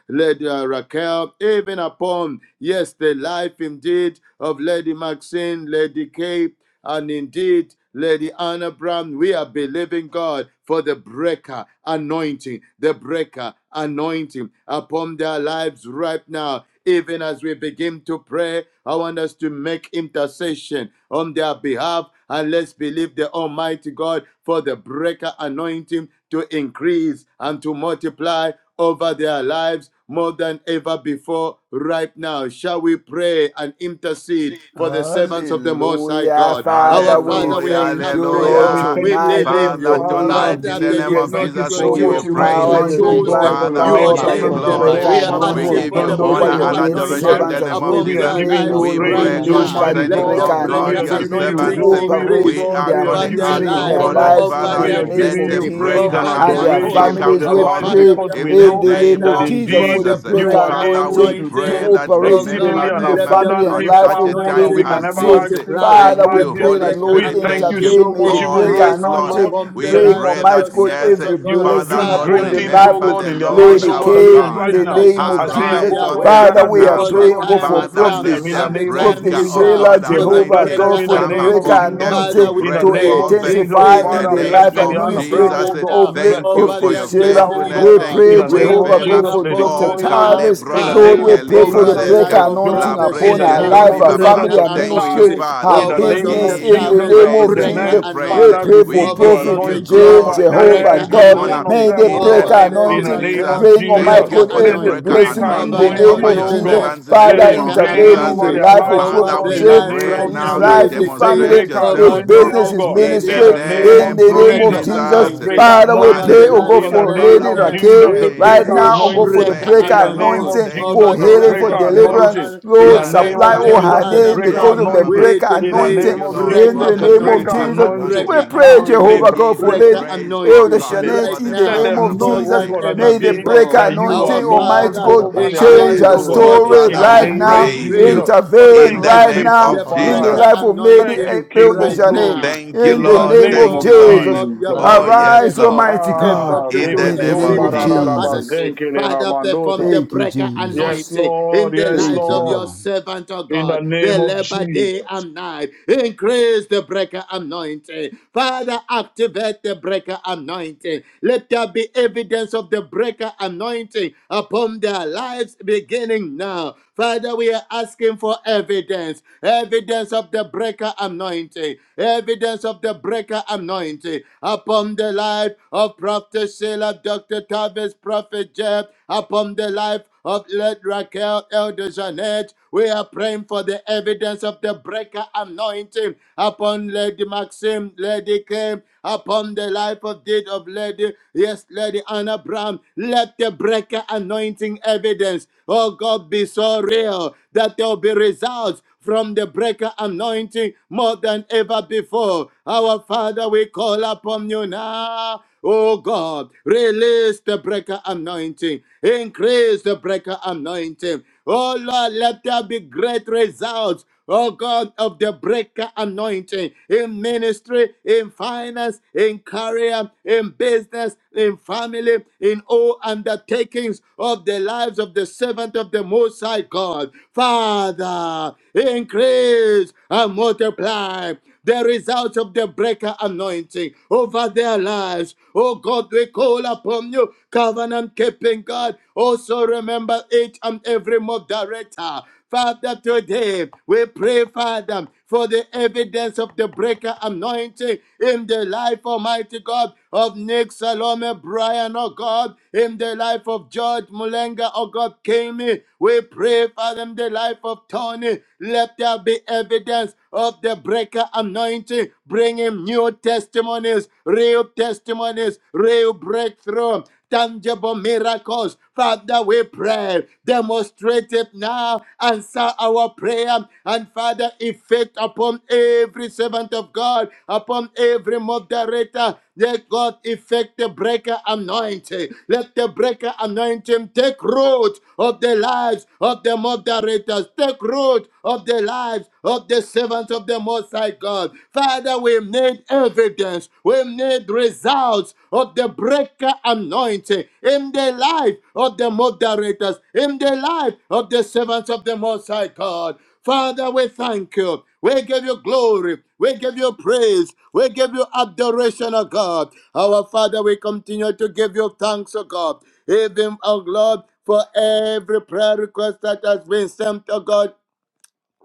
Lady uh, Raquel, even upon, yes, the life indeed of Lady Maxine, Lady Kay, and indeed Lady Anna Brown. We are believing God for the breaker anointing, the breaker anointing upon their lives right now even as we begin to pray, I want us to make intercession on their behalf and let's believe the Almighty God for the breaker anointing to increase and to multiply over their lives more than ever before right now. Shall we pray and intercede for the servants of the Most High
Hallelujah.
God? Our
Father, we
Father, we
Hallelujah,
have
thank
come
you,
to
Father,
Lord,
you.
we
hallelujah.
thank
We
you, O
tonight
God,
believe
in
Father,
the
you.
name
Father.
tonight
of
in
Father,
the
they
name
We
did
of
Jesus
thank
not
you
Jesus, we
so
for
give
much
you
your
choose you,
even
but
praise.
you
power,
tonight,
your
oh
chose
Yenderebo.
God,
them.
divine
for your
Father,
You
we
maid
power
give
by
you
the
servants,
ordained
Makoro
oh
them.
glory.
We
breaker
God,
are
Father,
We
who
bashandala
asking
have
anointing
give
ba
for
you
the
joined us,
over
oh
honor
breaker
your
and
God,
maid
even
yekeketeli
adoration
anointing
in
tonight.
servants
the
as
name
yenderebo.
we
of
upon
We are
their
Jesus.
giving
pray,
you
lives
We
Lord,
Makoro
right
pray
praise,
release
now.
that
Almighty
concerning,
Let
God.
bashandala
the
oh
breaker
ba
We
God,
breaker
are
your
giving
seketeli
anointing
you
to
anointing
servants.
yandala ba
glory, O
ye.
operate
increase
We
in
God.
are
We
their
are
over
calling
giving
their
out,
you
ministry, in
oh
their
lives,
God,
Maseketeli
honor.
that
lives, in
over
yandala
Father,
We
the
their
bo.
are
name
let
giving
of
the
you
destiny,
Jesus
praise
breaker
and
over
and
Makoro
their
their
anointing
adoration
calling.
for
families.
come
their
We
Our
lives
forth
bashandala
Father,
ba
pray
we
because
ye.
are
we
in the
praying
in
We
know
the
right
name
name
thank
that
of
you,
now
of
Jesus
Lord,
for
for
indeed
for
the
the
Jesus.
the
you
breaker
people
are
breaker
who
Father,
have
able
we
to
anointing to
God
pray
anointing.
do
that
Almighty.
Oh
operate in the,
exceedingly
God,
remember
and
in
Thank
the
you
let
them
for
the
family
all
and
at
abundantly
the
breaker
life
such
far
a
others
of
more
in
than
the
time
Lady
we
anointing
can
room,
as
ever
Lord.
Maxine.
this.
ask, think, or
multiply.
Father,
Thank
we
you,
Let
imagine.
the
pray
Holy
that
breaker
Lord
We
Spirit.
thank
Thank
you
anointing
you.
intervene.
so
May the
much,
Karabashandere bo
Oh,
even
breaker
right
yes,
increase
now,
Lord.
sokotori
anointing
Lord,
upon the
We
yandara
that
bring
lives
ya
pray
of
that,
Almighty
your
God
yandara
yes,
servants, oh
bo.
every
you
God.
are
Father,
blessing
doing
Lord,
Father,
upon
great
Father,
the
Lord,
things,
that
life
oh
you
remember
of
God,
the
in their
continue
there
Lord
lives,
to
Lady
oh
shall
God,
our
that
be
bless
Kale
even
them,
in
God.
O
right
the
nothing
now,
that
Lord
name
shall
of
as
Almighty.
they
stand
I
have,
in
Jesus.
Arise
pray
oh
their
for
on
God,
their
way
Father,
gathered
we
with
are
behalf.
us,
Deuteronomy
because
oh
the
praying,
God,
chapter
go
you
time
for
will
has
Father,
bless
come
prophet,
them
28,
let
in the
their
and
verse
the
name of
12,
break,
time
my
prophet
is
Lord,
oh
Jesus.
now
God,
Sheila,
You
that
for
they
will
the
be
Jehovah,
bless
anointing
them
God,
blessed
breaker
in
in
for
the
their
the
come
name
going
of
breaker
out,
anointing.
upon
blessed
them
in
Jesus.
to
their
anointing
Father, we
In the
break
to
name
coming.
pray,
of
forth
that their
Jesus,
increase
in
intensify
family
the
the
in
Father,
be
the
bless
breaker
name
life
blessed in
Lady
and
the
of
Anna
mighty
anointing
ministry
Brown,
Jesus.
oh
right
name of
God.
now
of
Bless
Jesus,
late
Thank you
Prophet
over
for
prophet
that
their
your
the
Sheila,
Sheila.
oh
destiny,
fresh
oh
faithfulness.
God.
We
God.
Thank
open
In
pray,
you
the
for
We
doors
your
name
are
will
of
Jehovah,
open
go
calling
favor.
Jesus,
for
unto
Lady
them
upon
in
Dr.
you
the
Oh,
Connie, oh
mighty
now,
God.
Tavis.
name of
In the
Lord,
name
Father,
we
Jesus,
of
O
pray for
Lord.
the
over
Um,
Jesus,
the
breaker
life
Prophet
Calebrosekelibrazeska,
We
of
pray
anointing
for
Joe.
Prophet
In
Dr.
upon
the
her
Sheila.
name
life,
of
tori
her
Travis.
Bababa.
Jesus,
family,
Breaker
her
Dr.
Doctor
Thank you,
ministry,
Tavis.
anointing
Sheila,
her
Father.
In the
over
We
Prophet
name
business
of
Dr.
give
in
you
the
Jesus,
Jay,
Tavis,
name
Elder
praise.
of
We
and
give
Janet.
breaker
you
Jesus.
Elder
praise.
We
Father,
anointing
pray for
We
Janet,
release
and
over
your
Lady
give
Prophet
you
Prophet
Anna
anointing
J,
Jay,
over
Brown,
glory and we
Jehovah
breaker
give you
every
Dr.
God.
honor
one of
anointing
May
Travis,
them,
the
O
oh
in the
God.
breaker
Lord
over
name
In
Lady
of
the
anointing
Almighty,
name
shall
Jesus.
of
Raquel,
be
bring,
well with
Almighty
Thank
Jesus,
breaker
you
God,
them.
for the
let
every
the
We
breaker
anointing
pray
blessing
for
breaker
in
fresh
over
the
anointing
name
over
anointing,
Elder
of
your
anointing
oh
Jesus.
God.
Jeanette,
upon
Jesus.
servants in
them,
the
Let
Father,
upon
name
it
breaker
their
of
rain
intervene
family,
in
Jesus.
the
over
anointing
their
life
upon
of
lives,
their
oh
Prophet
over
Father,
God,
the
we
business,
in the
Jay,
life
upon
name
pray
right
of
his
now.
now
everything they
that
Jesus.
We
life,
put
his
their
The
decree
hands
demonstrate
family,
to
breaker
in the
yourself
his
over the
mighty
anointing,
strong
business,
oh
life
name
his
of
of
God,
in
Jesus.
Lady
in
the
ministry,
the
We
Maxine
name
in
give
of
name
you
the
glory,
of
name
we
breaker
of
give
Jesus.
you
The
Jesus.
honor
Jesus.
in the
anointing
breaker
Father,
mighty
we
over
name
pray,
anointing,
the
oh
of
life
God,
in
of
Jesus.
the
Hallelujah.
for
We
Lady
name
Lady
Father,
of
we
Care.
Raquel
Jesus. The
We
right
praise
breaker
you.
decree
now, oh God, for
anointing,
the
breaker
Thank
breaker
in
Makorabashandarabaya,
you,
the
pray
name
anointing
Lord.
for
of
anointing,
fresh
Thank you,
for
Jesus.
over
The
the
Lord.
healing,
anointing
life
for
of
breaker
Thank
upon
you,
them.
Lady
Lord.
anointing,
deliverance.
Anna.
in
Lord,
the
Our
Yes,
Male
name
right
supply
Father,
now,
of
all
Lord
Lady
Jesus.
her
The
Anna
needs
Almighty, let
breaker
the
because
Brown,
kalabraseteri
of the
great
anointing,
bababa.
we
breaker
anointing be
in the
decree
Thank
anointing
name
you,
bestowed
of
upon
Lord,
in
for
breaker
Jesus,
the
the
the
your
name of
breaker
breaker
anointing,
servants, O
Jesus.
Lord,
anointing.
from
We
breaker
the
anointing.
pray,
Ah,
prophets,
We
the
anointing,
Jehovah
liberally.
God,
give
for
you
breaker
Lady
praise,
but
oh
Elder
the
anointing
God,
Shanette
kingdom
right
for
in
the
the
Let
now
name
breaker
them
of
know,
of
more
God, in
oh
the
Jesus.
than
God,
anointing
that
mighty
ever
May the
name
in
indeed
of
the
breaker
before.
that
name
Jesus.
you
of
are
Our
anointing,
Lord
Almighty
Jesus.
Father,
Bakora
God,
over their
change
lives,
increase,
her
oh
Bashandara, we
God,
Hallelujah.
pray
story
for
in
Father,
the
we
break
multiply,
right
name of
now.
praise
anointing
increase,
you
Jesus.
in the
Intervene
in
Thank
the
you,
mighty
right
multiply
name
name
now
faithful
of
the
upon
in the
Jesus.
every
Father.
breaker
life of
single
Lady
Thank
one
anointing
you,
of them,
King
Elder
oh
of
right
God, in
Shanette.
the
Glory,
now
Thank you,
mighty
In
in
the
the
because
name
Lord.
of
we
name
name
of
Thank
know
of
you,
Jesus.
our
Lord.
Jesus.
God, you are
Jesus.
Father,
more
Oh,
we
than
yes,
thank
Arise,
you.
able.
Lord,
Almighty God.
Able
Ah,
to
in
Emakara
do
the
In the
name
name
of
exceeding
of
and
Bashandara,
Jesus.
Jesus.
abundantly. Father, perform the
Thank you,
breaker
yes,
Jesus.
anointing in
Lord,
the
yes,
lives
Thank you,
of
Lord,
your
Lord.
servant, O
in
God.
the
They
name of
labor day
Jesus.
and night. Increase the breaker anointing Father, activate the breaker anointing. Let there be evidence of the breaker anointing upon their lives beginning now. Father, we are asking for evidence, evidence of the breaker anointing, evidence of the breaker anointing upon the life of Prophet Sheila, Dr. Tavis, Prophet Jeb, upon the life of Led Raquel Elder Jeanette. We are praying for the evidence of the breaker anointing upon Lady Maxim, Lady Kim, upon the life of deed of Lady, yes, Lady Anna Brown. Let the breaker anointing evidence, oh God, be so real that there will be results from the breaker anointing more than ever before. Our Father, we call upon you now. Oh God, release the breaker anointing, increase the breaker anointing. Oh Lord, let there be great results Oh God of the breaker anointing in ministry, in finance, in career, in business, in family, in all undertakings of the lives of the servant of the Most High God. Father, increase and multiply the results of the breaker anointing over their lives. Oh God, we call upon you, covenant keeping God. Also remember each and every moderator. Father, today we pray, Father, for the evidence of the breaker anointing in the life, Almighty God, of Nick Salome Brian, oh God, in the life of George Mulenga, oh God, Kami. We pray, Father, in the life of Tony. Let there be evidence of the breaker anointing, bringing new testimonies, real testimonies, real breakthrough tangible miracles Father, we pray, demonstrate it now, answer our prayer, and Father, effect upon every servant of God, upon every moderator. Let God effect the breaker anointing. Let the breaker anointing take root of the lives of the moderators, take root of the lives of the servants of the Most High God. Father, we need evidence evidence, we need results of the breaker anointing in the life of the moderators, in the life of the servants of the Most High God. Father, we thank you. We give you glory. We give you praise. We give you adoration, O God. Our Father, we continue to give you thanks, O God. Even, O Lord, for every prayer request that has been sent, O God,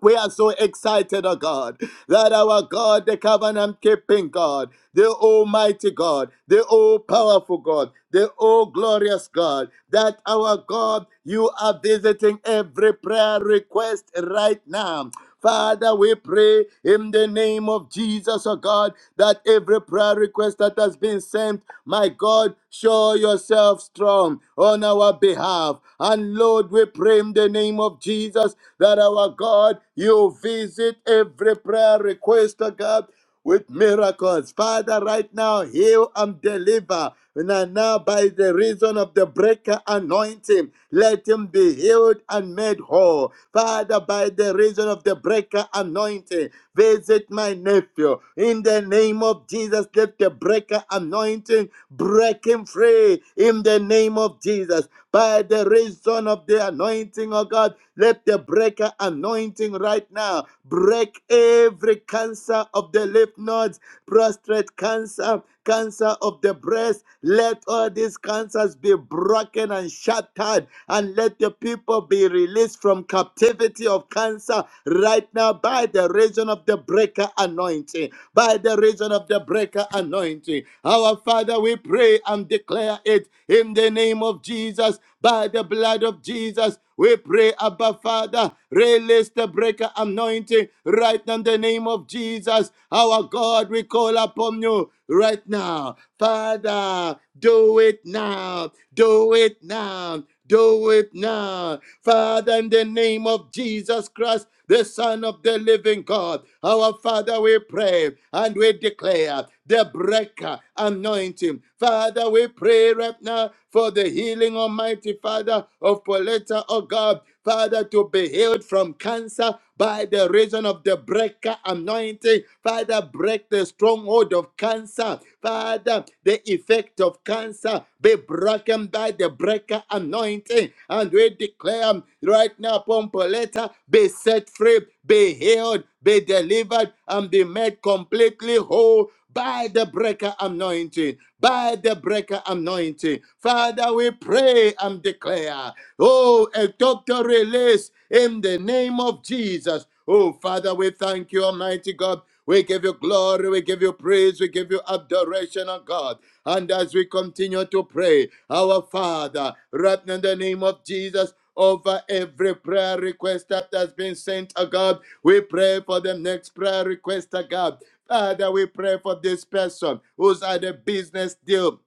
we are so excited, oh God, that our God, the covenant keeping God, the Almighty God, the all powerful God, the all glorious God, that our God, you are visiting every prayer request right now. Father, we pray in the name of Jesus, oh God, that every prayer request that has been sent, my God, show yourself strong on our behalf. And Lord, we pray in the name of Jesus that our God, you visit every prayer request, oh God with miracles. Father, right now, heal and deliver. And now, by the reason of the breaker anointing, let him be healed and made whole. Father, by the reason of the breaker anointing, visit my nephew in in the name of Jesus, let the breaker anointing break him free. In the name of Jesus, by the reason of the anointing of God, let the breaker anointing right now break every cancer of the lymph nodes, prostate cancer, cancer of the breast. Let all these cancers be broken and shattered, and let the people be released from captivity of cancer right now by the reason of the breaker anointing by the reason of the breaker anointing. Our Father, we pray and declare it in the name of Jesus by the blood of Jesus. We pray, Abba Father, release the breaker anointing right now in the name of Jesus. Our God, we call upon you right now. Father, do it now. Do it now. Do it now. Father, in the name of Jesus Christ, the Son of the living God, our Father, we pray and we declare the breaker anointing. Father, we pray right now for the healing, Almighty Father, of Pauletta, oh God. Father, to be healed from cancer by the reason of the breaker anointing. Father, break the stronghold of cancer. Father, the effect of cancer be broken by the breaker anointing. And we declare right now upon Pauletta, be set free, be healed, be delivered, and be made completely whole by the breaker anointing, by the breaker anointing. Father, we pray and declare, oh, a doctor release in the name of Jesus. Oh, Father, we thank you, Almighty God. We give you glory, we give you praise, we give you adoration, oh God. And as we continue to pray, our Father, right now in the name of Jesus, over every prayer request that has been sent, oh God, we pray for the next prayer request, oh God. Father, we pray for this person who's had a business deal.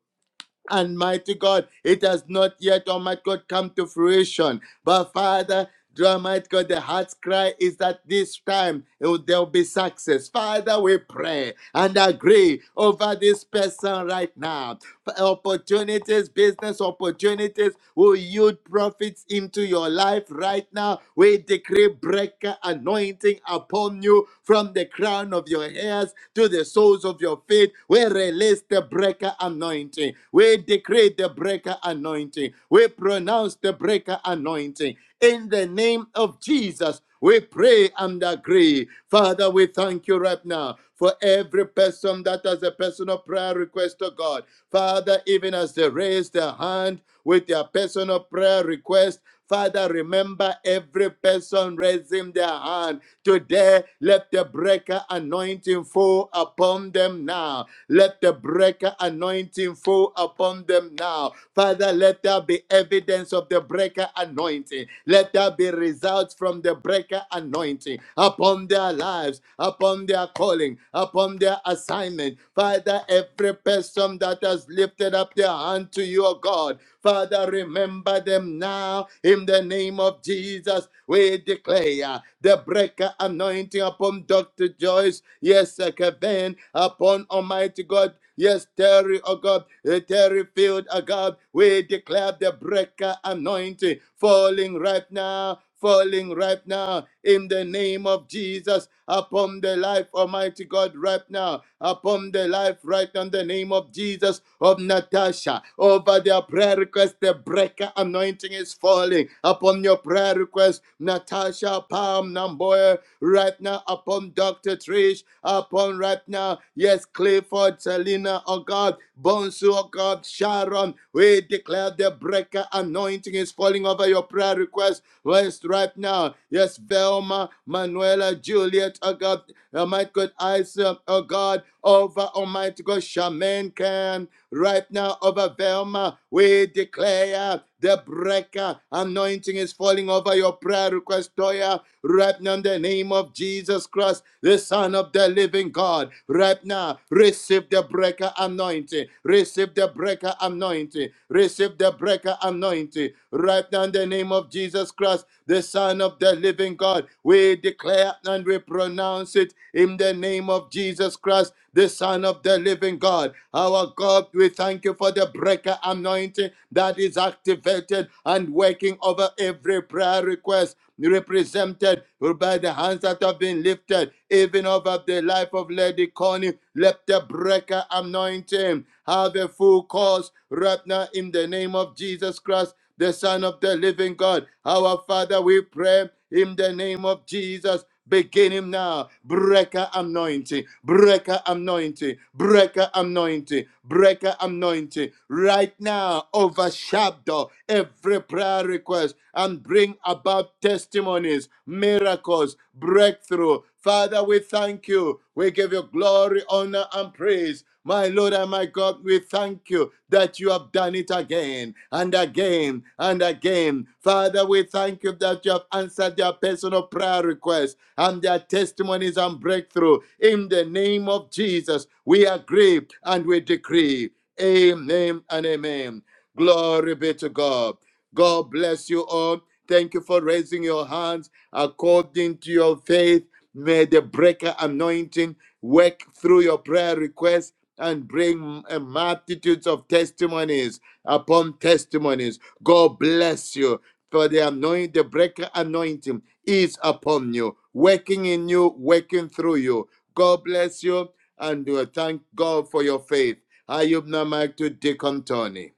And mighty God, it has not yet, Almighty God, come to fruition. But Father, dear Almighty God, the heart's cry is that this time it will- there will be success. Father, we pray and agree over this person right now opportunities, business opportunities will yield profits into your life right now. We decree breaker anointing upon you from the crown of your hairs to the soles of your feet. We release the breaker anointing. We decree the breaker anointing. We pronounce the breaker anointing in the the name of Jesus, we pray and agree. Father, we thank you right now for every person that has a personal prayer request to God. Father, even as they raise their hand with their personal prayer request, Father, remember every person raising their hand. Today, let the breaker anointing fall fall upon them now. Let the breaker anointing fall upon them now. Father, let there be evidence of the breaker anointing. Let there be results from the breaker anointing upon their lives, upon their calling, upon their assignment. Father, every person that has lifted up their hand to you, O God, Father, remember them now in the name of Jesus. We declare the breaker anointing upon Dr. Joyce, yes, sir, Kevin, upon Almighty God. Yes, Terry, oh God, uh, Terry Field, oh God, we declare the breaker anointing falling right now falling right now in the name of Jesus upon the life, Almighty God, right now, upon the life, right now, in the name of Jesus of Natasha, over their prayer request. The breaker anointing is falling upon your prayer request, Natasha Palm Namboya, right now, upon Dr. Trish, upon right now, yes, Clifford, Selena, oh God, Bonsu, oh God, Sharon, we declare declare the breaker anointing is falling over your prayer request list right now. Yes, Velma, Manuela, Juliet, oh God, Almighty God, Isa, oh God, over Almighty God, Shaman Can, right now, over Velma, we declare the breaker anointing is falling over your prayer request, Toya, right now, in the name of Jesus Christ, the Son of the Living God, right now, receive the the breaker anointing. Receive the breaker anointing. Receive the breaker anointing. Right now, in the name of Jesus Christ, the Son of the living God, we declare and we pronounce it in the name of Jesus Christ, the Son of the living God. Our God, we thank you for the breaker anointing that is activated and working over every prayer request represented by the hands that have been lifted, even over the life of Lady Connie. Let the breaker anointing have a full course right now in the name of Jesus Christ, the Son of the living God. Our Father, we pray in the name of Jesus beginning now. Breaker anointing, breaker anointing, breaker anointing, breaker anointing. Right now, overshadow every prayer request and bring about testimonies, miracles, breakthrough. Father, we thank you. We give you glory, honor, and praise. My Lord and my God, we thank you that you have done it again and again and again. Father, we thank you that you have answered their personal prayer requests and their testimonies and breakthrough. In the name of Jesus, we agree and we decree. Amen and amen. Glory be to God. God bless you all. Thank you for raising your hands according to your faith. May the breaker anointing work through your prayer requests and bring uh, multitudes of testimonies upon testimonies. God bless you for the anointing, the breaker anointing is upon you, working in you, working through you. God bless you and we thank God for your faith. I yield my mic to Deacon Tony.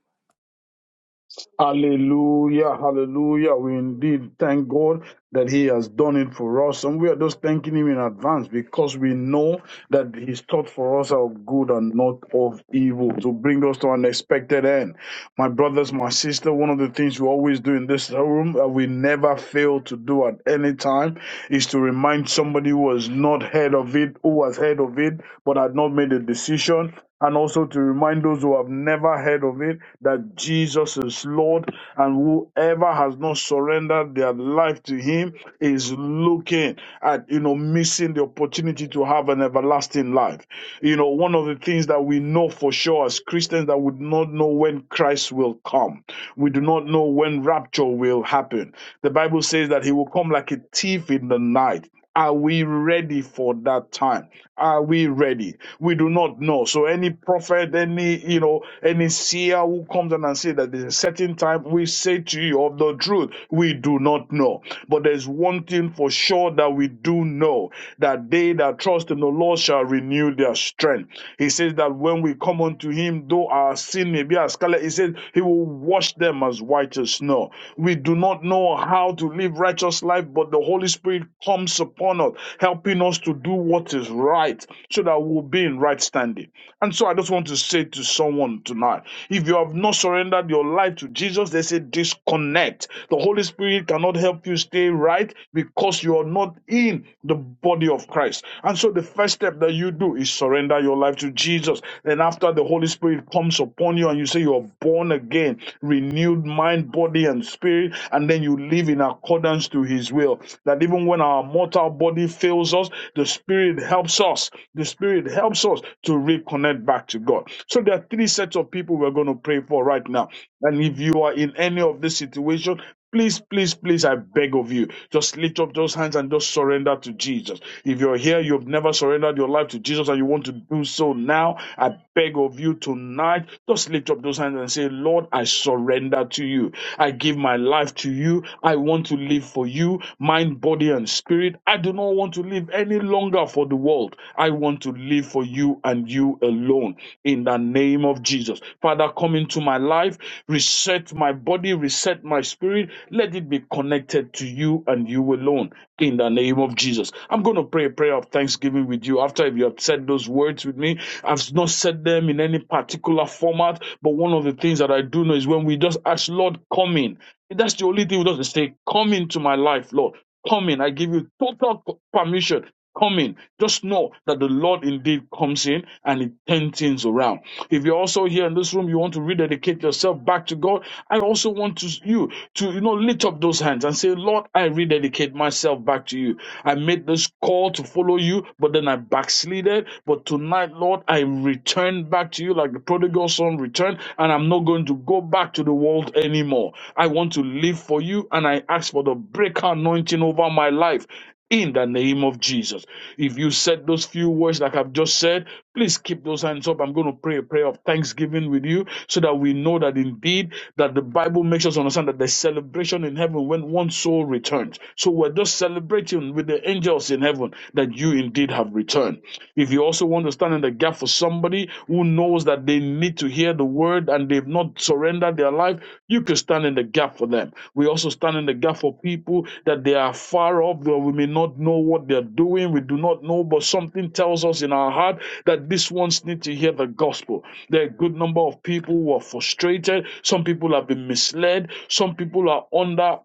Hallelujah, hallelujah. We indeed thank God that He has done it for us. And we are just thanking Him in advance because we know that His thoughts for us are of good and not of evil to bring us to an expected end. My brothers, my sister, one of the things we always do in this room that we never fail to do at any time is to remind somebody who has not heard of it, who has heard of it, but had not made a decision and also to remind those who have never heard of it that Jesus is Lord, and whoever has not surrendered their life to Him is looking at, you know, missing the opportunity to have an everlasting life. You know, one of the things that we know for sure as Christians that we do not know when Christ will come, we do not know when rapture will happen. The Bible says that He will come like a thief in the night. Are we ready for that time? Are we ready? We do not know. So any prophet, any you know, any seer who comes in and say that there's a certain time, we say to you of the truth, we do not know. But there's one thing for sure that we do know: that they that trust in the Lord shall renew their strength he says that when we come unto him, though our sin may be as scarlet, he says he will wash them as white as snow. We do not know how to live righteous life, but the Holy Spirit comes upon us, helping us to do what is right so that we'll be in right standing. And so I just want to say to someone tonight if you have not surrendered your life to Jesus, they say disconnect. The Holy Spirit cannot help you stay right because you are not in the body of Christ. And so the first step that you do is surrender your life to Jesus. Then, after the Holy Spirit comes upon you and you say you're born again, renewed mind, body, and spirit, and then you live in accordance to His will. That even when our mortal body fails us, us. The Spirit helps us. The Spirit helps us to reconnect back to God. So there are three sets of people we're going to pray for right now. And if you are in any of this situation, Please, please, please, I beg of you, just lift up those hands and just surrender to Jesus. If you're here, you've never surrendered your life to Jesus and you want to do so now, I beg of you tonight, just lift up those hands and say, Lord, I surrender to you. I give my life to you. I want to live for you, mind, body, and spirit. I do not want to live any longer for the world. I want to live for you and you alone in the name of Jesus. Father, come into my life, reset my body, reset my spirit. Let it be connected to you and you alone in the name of Jesus. I'm going to pray a prayer of thanksgiving with you after if you have said those words with me. I've not said them in any particular format, but one of the things that I do know is when we just ask, Lord, come in. That's the only thing we does is say, Come into my life, Lord. Come in. I give you total c- permission. Come in. Just know that the Lord indeed comes in and he turns things around. If you're also here in this room, you want to rededicate yourself back to God. I also want to, you to, you know, lift up those hands and say, Lord, I rededicate myself back to you. I made this call to follow you, but then I backslided. But tonight, Lord, I return back to you like like the prodigal son returned, and I'm not going to go back to the world anymore. I want to live for you, and I ask for the breaker anointing over my life in the name of Jesus. If you said those few words like I've just said, please keep those hands up. I'm going to pray a prayer of thanksgiving with you so that we know that indeed that the Bible makes us understand that there's celebration in heaven when one soul returns. So we're just celebrating with the angels in heaven that that you indeed have returned. If you also want to stand in the gap for somebody who knows that they need to hear the word and they've not surrendered their life, you can stand in the gap for them. We also stand in the gap for people that they are far off, though we may not know what they're doing, we do not know, but something tells us in our heart that these ones need to hear the gospel. There are a good number of people who are frustrated, some people have been misled, some people are under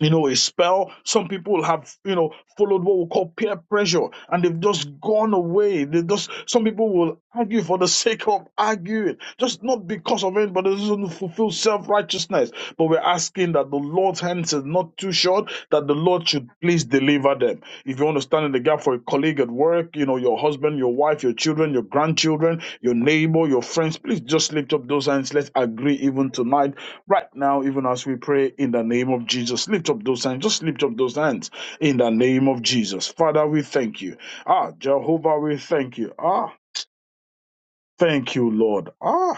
you know, a spell. Some people have, you know, followed what we call peer pressure and they've just gone away. They just, some people will argue for the sake of arguing, just not because of it, but it doesn't fulfill self righteousness. But we're asking that the Lord's hands is not too short, that the Lord should please deliver deliver them. If you want to stand in the gap for a colleague at work, you know, your husband, your wife, your children, your grandchildren, your neighbor, your friends, please just lift up those hands. Let's agree even tonight, right now, even as we pray in the name of Jesus. Lift up those hands. Just lift up those hands in the name of Jesus. Father, we thank you. Ah, Jehovah, we thank you. Ah, thank you, Lord. Ah,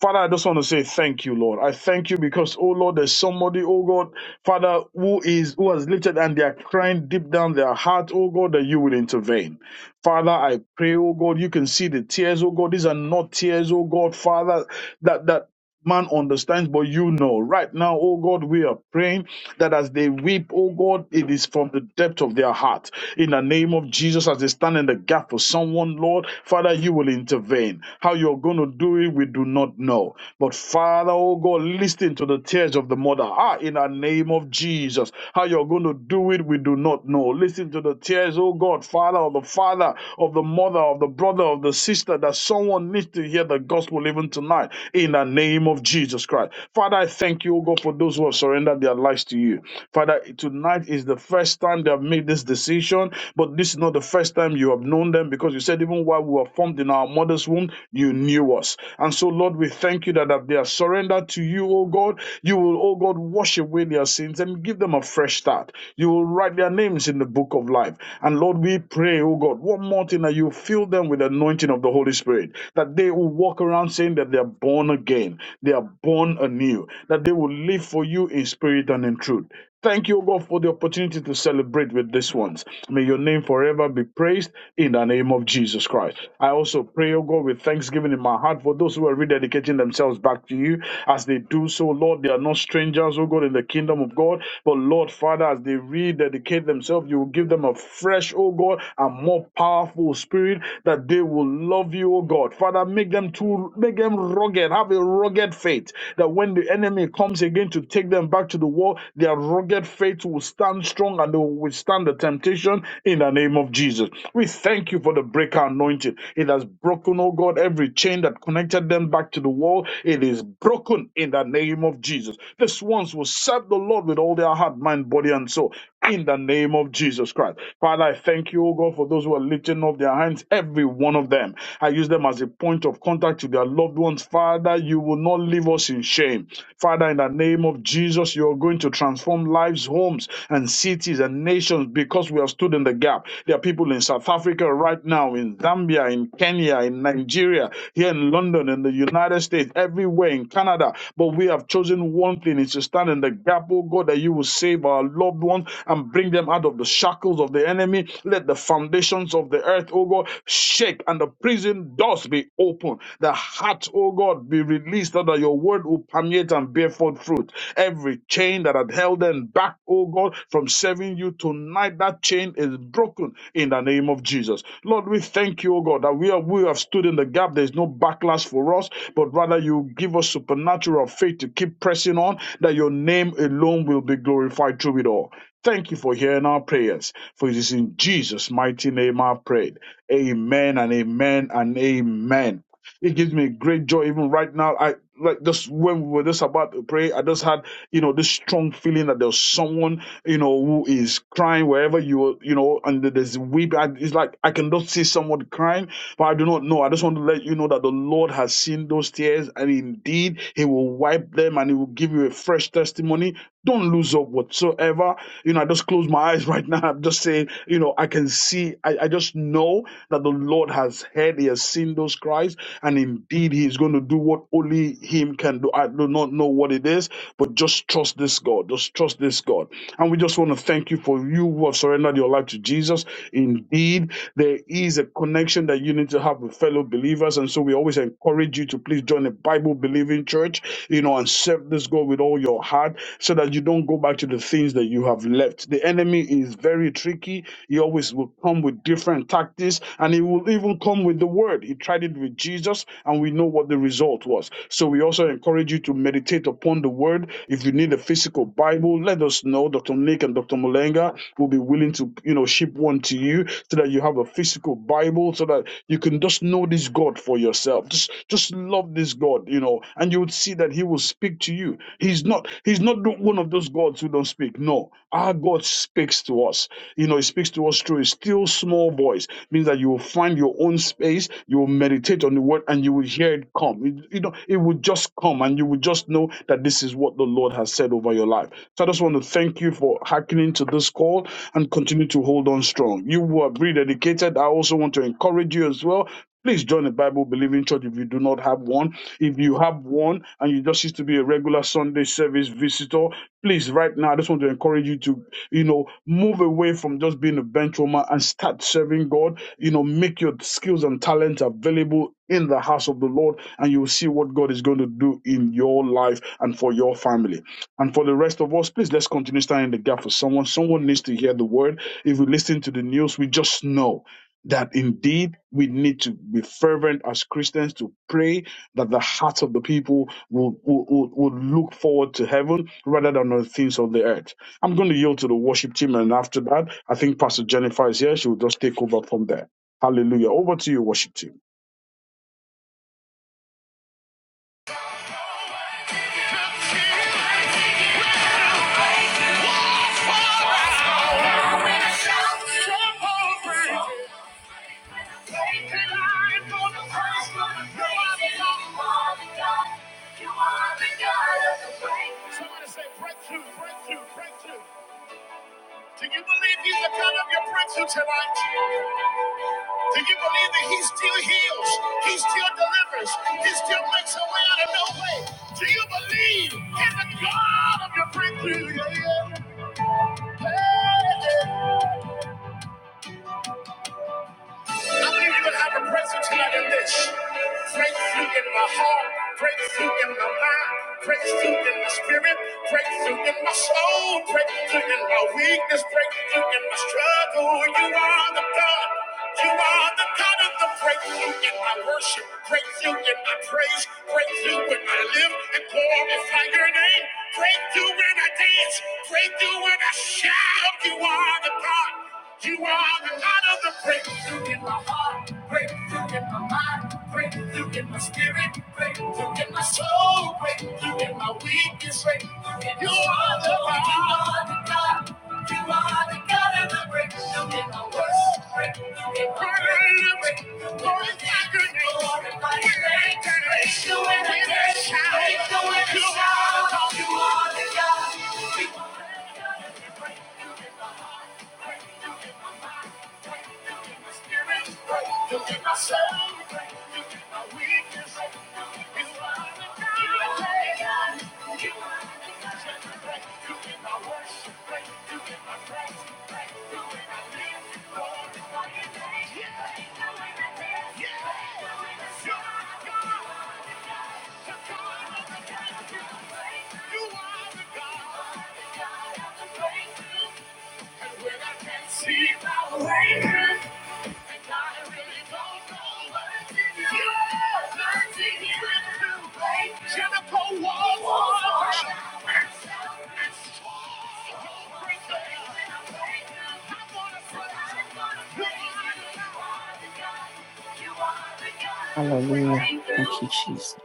Father, I just want to say thank you, Lord. I thank you because, oh Lord, there's somebody, oh God, Father, who is who has lifted and they are crying deep down their heart, oh God, that you will intervene. Father, I pray, oh God, you can see the tears, oh God. These are not tears, oh God, Father, That that man understands, but you know. Right now, oh God, we are praying that as they weep, oh God, it is from the depth of their heart. In the name of Jesus, as they stand in the gap for someone, Lord, Father, you will intervene. How you're going to do it, we do not know. But Father, oh God, listen to the tears of the mother. Ah, in the name of Jesus, how you're going to do it, we do not know. Listen to the tears, oh God, Father, of the father, of the mother, of the brother, of the sister, that someone needs to hear the gospel even tonight. In the the name of Jesus Christ. Father, I thank you, O God, for those who have surrendered their lives to you. Father, tonight is the first time they have made this decision, but this is not the first time you have known them because you said, even while we were formed in our mother's womb, you knew us. And so, Lord, we thank you that if they are surrendered to you, O God, you will, O God, wash away their sins and give them a fresh start. You will write their names in the book of life. And Lord, we pray, O God, one more thing that you fill them with the anointing of the Holy Spirit, that they will walk around saying that they are born born again. They are born anew. That they will live for you in spirit and in truth. Thank you, O God, for the opportunity to celebrate with these ones. May your name forever be praised in the name of Jesus Christ. I also pray, O God, with thanksgiving in my heart for those who are rededicating themselves back to you. As they do so, Lord, they are not strangers, O God, in the kingdom of God. But Lord, Father, as they rededicate themselves, you will give them a fresh, O God, and more powerful spirit that they will love you, O God. Father, make them to make them them rugged, have a rugged faith that when the enemy comes again to take them back to the wall, their rugged faith will stand strong and they will withstand the temptation in the name of Jesus. We thank you for the breaker anointing. It has broken, oh God, every chain that connected them back to the wall. It is broken in the name of Jesus. This ones will serve the Lord with all their heart, mind, body, and soul. In the name of Jesus Christ. Father, I thank you, oh God, for those who are lifting up their hands, every one of them. I use them as a point of contact to their their loved ones. Father, you will not leave us in shame. Father, in the name of Jesus, you are going to transform lives, homes, and cities and nations because we have stood in the gap. There are people in South Africa right now, in Zambia, in Kenya, in Nigeria, here in London, in the United States, everywhere, in Canada. But we have chosen one thing is to stand in the gap, oh God, that you will save our loved ones and bring them out of the shackles of the enemy. Let the foundations of the earth, oh God, shake and the prison doors be open. The heart, O God, be released so that your word will permeate and bear forth fruit. Every chain that had held them back, O God, from serving you tonight, that chain is broken in the name of Jesus. Lord, we thank you, O God, that we are we have stood in the gap. There's no backlash for us, but rather you give us supernatural faith to keep pressing on, that your name alone will be glorified through it all. Thank you for hearing our prayers. For it is in Jesus' mighty name I've prayed. Amen and amen and amen. It gives me great joy even right now. I like just when we were just about to pray, I just had you know this strong feeling that there's someone you know who is crying wherever you are, you know, and there's weeping. I, it's like I can just see someone crying, but I do not know. I just want to let you know that the Lord has seen those tears, and indeed He will wipe them, and He will give you a fresh testimony don't lose hope whatsoever. You know, I just close my eyes right now. I'm just saying, you know, I can see, I, I just know that the Lord has heard, He has seen those cries, and indeed He is going to do what only Him can do. I do not know what it is, but just trust this God. Just trust this God. And we just want to thank you for you who have surrendered your life to Jesus. Indeed, there is a connection that you need to have with fellow believers. And so we always encourage you to please join a Bible believing church, you know, and serve this God Lord with all your heart so that you don't go back to the things that you have left. The enemy is very tricky. He always will come with different tactics and he will even come with the word. He tried it with Jesus and we know what the result was. So we also encourage you to meditate upon the word. If you need a physical Bible, let us know. Dr. Nick and Dr. Mulenga will be willing to, you know, ship one to you so that you have a physical Bible so that you can just know this God for yourself. Just just love this God, you know, and you would see guarantee that he will speak to you. He's not he's not the- one of those gods who don't speak. No, our God speaks to us. You know, he speaks to us through a still small voice. Means that you will find your own space, you will meditate on the word and you will hear it come. It- you know, it will just come and you will just know that this is what the Lord has said over your life. So I just want to thank you for hearkening to this call and continue to hold on strong. You were rededicated. I also want to encourage you as well. Please join the Bible believing church if you do not have one. If you have one and you just used to be a regular Sunday service visitor, please, right now, I just want to encourage you to, you know, move away from just being a bench warmer and start serving God. You know, make your skills and talents available in the house of the Lord, and you will see what God is going to do in your life and for your family. And for the rest of us, please let's continue standing in the gap for someone. Someone needs to hear the word. If we listen to the news, we just know that indeed we need to be fervent as Christians to pray that the hearts of the people will, will, will, will look forward to heaven rather than on the things of the earth. I'm going to yield to the worship team, and after that, I think Pastor Jennifer is here. She will just take over from there. Hallelujah. Over to you, worship team.
Somebody say breakthrough, breakthrough, breakthrough. Do you believe he's the God of your breakthrough tonight? Do you believe that he still heals? He still delivers. He still makes a way out of no way. Do you believe in the God of your breakthrough? Yeah, yeah. Hey, yeah. I believe you would have a presence here in this. Breakthrough in my heart, breakthrough in my mind, breakthrough in my spirit, breakthrough in my soul, breakthrough in my weakness, breakthrough in my struggle. You are the God. You are the God of the breakthrough in my worship, breakthrough in my praise, breakthrough when I live and glorify your name, breakthrough when I dance, breakthrough when I shout. You are the God. You are the God of the breakthrough. Breakthrough in my soul, breakthrough in my weakness, breakthrough in you are the God. You are the, you are the God of the breakthrough in my worst, breakthrough in my breakthrough, breakthrough in my goodness, Lord, in my strength, breakthrough in my day, breakthrough in the shower. You are the You You You my my praise, you get my Yeah. See my way. Jennifer Walls.
Hallelujah.
Praise
Thank you, Jesus.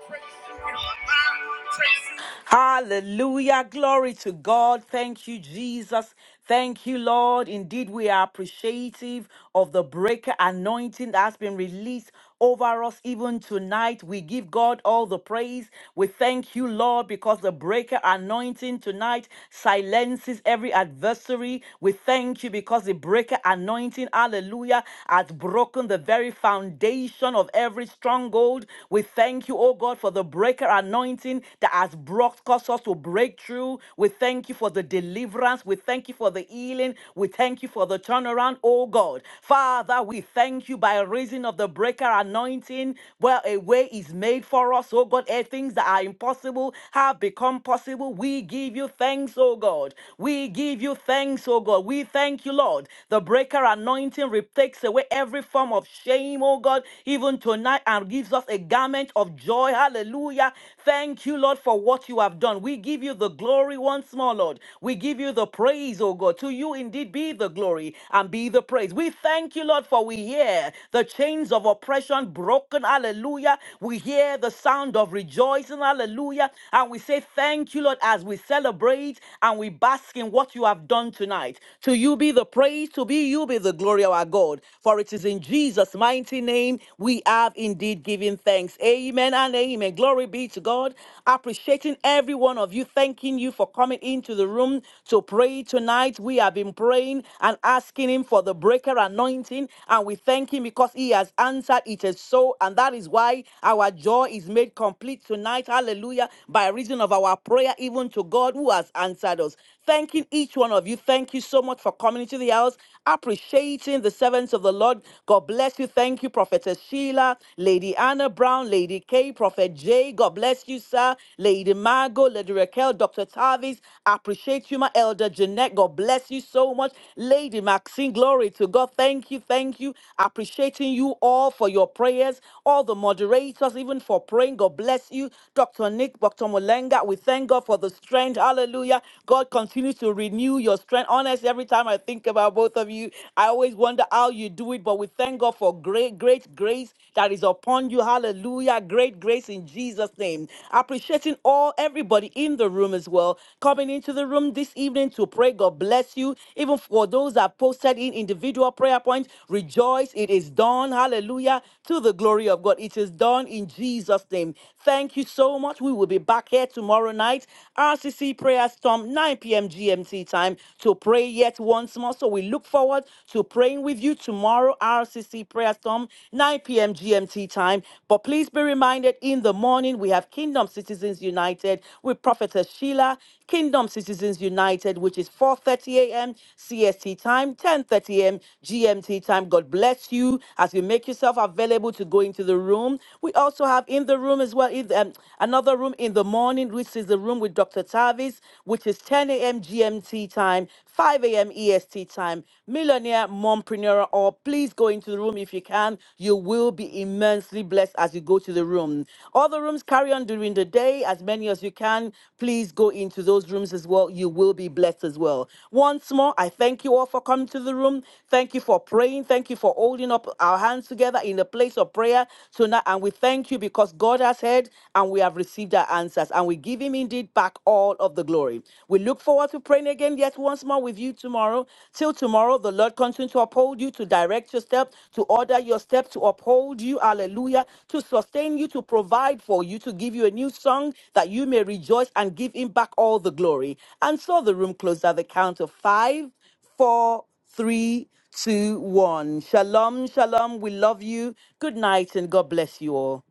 the Lord. Praise the Lord.
Hallelujah. Glory to God. Thank you, Jesus. Thank you, Lord. Indeed, we are appreciative of the breaker anointing that has been released over us even tonight. We give God all the praise. We thank you, Lord, because the breaker anointing tonight silences every adversary. We thank you because the breaker anointing, hallelujah, has broken the very foundation of every stronghold. We thank you, oh God, for the breaker anointing that has brought caused us to break through. We thank you for the deliverance. We thank you for the healing. We thank you for the turnaround, oh God. Father, we thank you by reason of the breaker anointing. where a way is made for us, oh God. Eh, things that are impossible have become possible. We give you thanks, oh God. We give you thanks, oh God. We thank you, Lord. The breaker anointing re- takes away every form of shame, oh God, even tonight, and gives Lord, gives us a garment of joy. Hallelujah. Thank you, Lord, for what you have done. We give you the glory once more, Lord. We give you the praise, oh God. To you indeed be the glory and be the praise. We thank you, Lord, for we hear the chains of oppression broken. Hallelujah. We hear the sound of rejoicing. Hallelujah. And we say thank you, Lord, as we celebrate and we bask in what you have done tonight. To you be the praise, to be you be the glory, our God. For it is in Jesus' mighty mighty name, we have indeed given thanks. Amen and amen. Glory be to God. Appreciating every one of you. Thanking you for coming into the room to pray tonight. We have been praying and asking Him for the breaker anointing, and we thank Him because He has answered. It is so, and that is why our joy is made complete tonight. Hallelujah. By reason of our prayer, even to God who has answered us thanking each one of you. Thank you so much for coming into the house, appreciating the servants of the Lord. God bless you. Thank you, Prophetess Sheila, Lady Anna Brown, Lady K, Prophet J. God bless you, sir. Lady Margot, Lady Raquel, Dr. Tavis. Appreciate you, my elder Jeanette. God bless you so much. Lady Maxine, glory to God. Thank you, thank you. Appreciating you all for your prayers, all the moderators, even for praying. God bless you, Dr. Nick, Dr. Molenga. We thank God for the strength. Hallelujah. God continues to renew your strength. Honestly, every time I think about both of you, I always wonder how you do it. But we thank God for great, great grace that is upon you. Hallelujah. Great grace in Jesus' name. Appreciating all everybody in the room as well. Coming into the room this evening to pray. God bless you. Even for those that posted in individual prayer points, rejoice. It is done. Hallelujah. To the glory of God. It is done in Jesus' name. Thank you so much. We will be back here tomorrow night tomorrow night, RCC Prayer Storm, 9 p.m. GMT time to pray yet once more. So we look forward to praying with you tomorrow, RCC Prayer Storm, 9 p.m. GMT time. But please be reminded in the morning, we have Kingdom Citizens United with Prophetess Sheila, Kingdom Citizens United, which is 4.30 a.m. CST time, 10.30 a.m. GMT time. God bless you as you make yourself available to go into the room. We also have in the room as well, in the, um, another room room in the morning, which is the room with Dr. Tavis, which is 10 a.m. GMT time, 5 a.m. EST time. Millionaire mompreneur, or please go into the room if you can. You will be immensely blessed as you go to the room. Other rooms carry on during the day, as many as you can. Please go into those rooms as well. You will be blessed as well. Once more, I thank you all for coming to the room. Thank you for praying. Thank you for holding up our hands together in the place of prayer tonight. And we thank you because God has heard heard and we have received our answers, and we give Him indeed back all of the glory. We look forward to praying again yet once more with you tomorrow. Till tomorrow, the Lord continue to uphold you, to direct your step, to order your step, to uphold you, hallelujah, to sustain you, to provide for you, to give you a new song that you may rejoice and give Him back all the glory. And so the room closed at the count of five, four, three, two, one. Shalom, shalom. We love you. Good night, and God bless you all.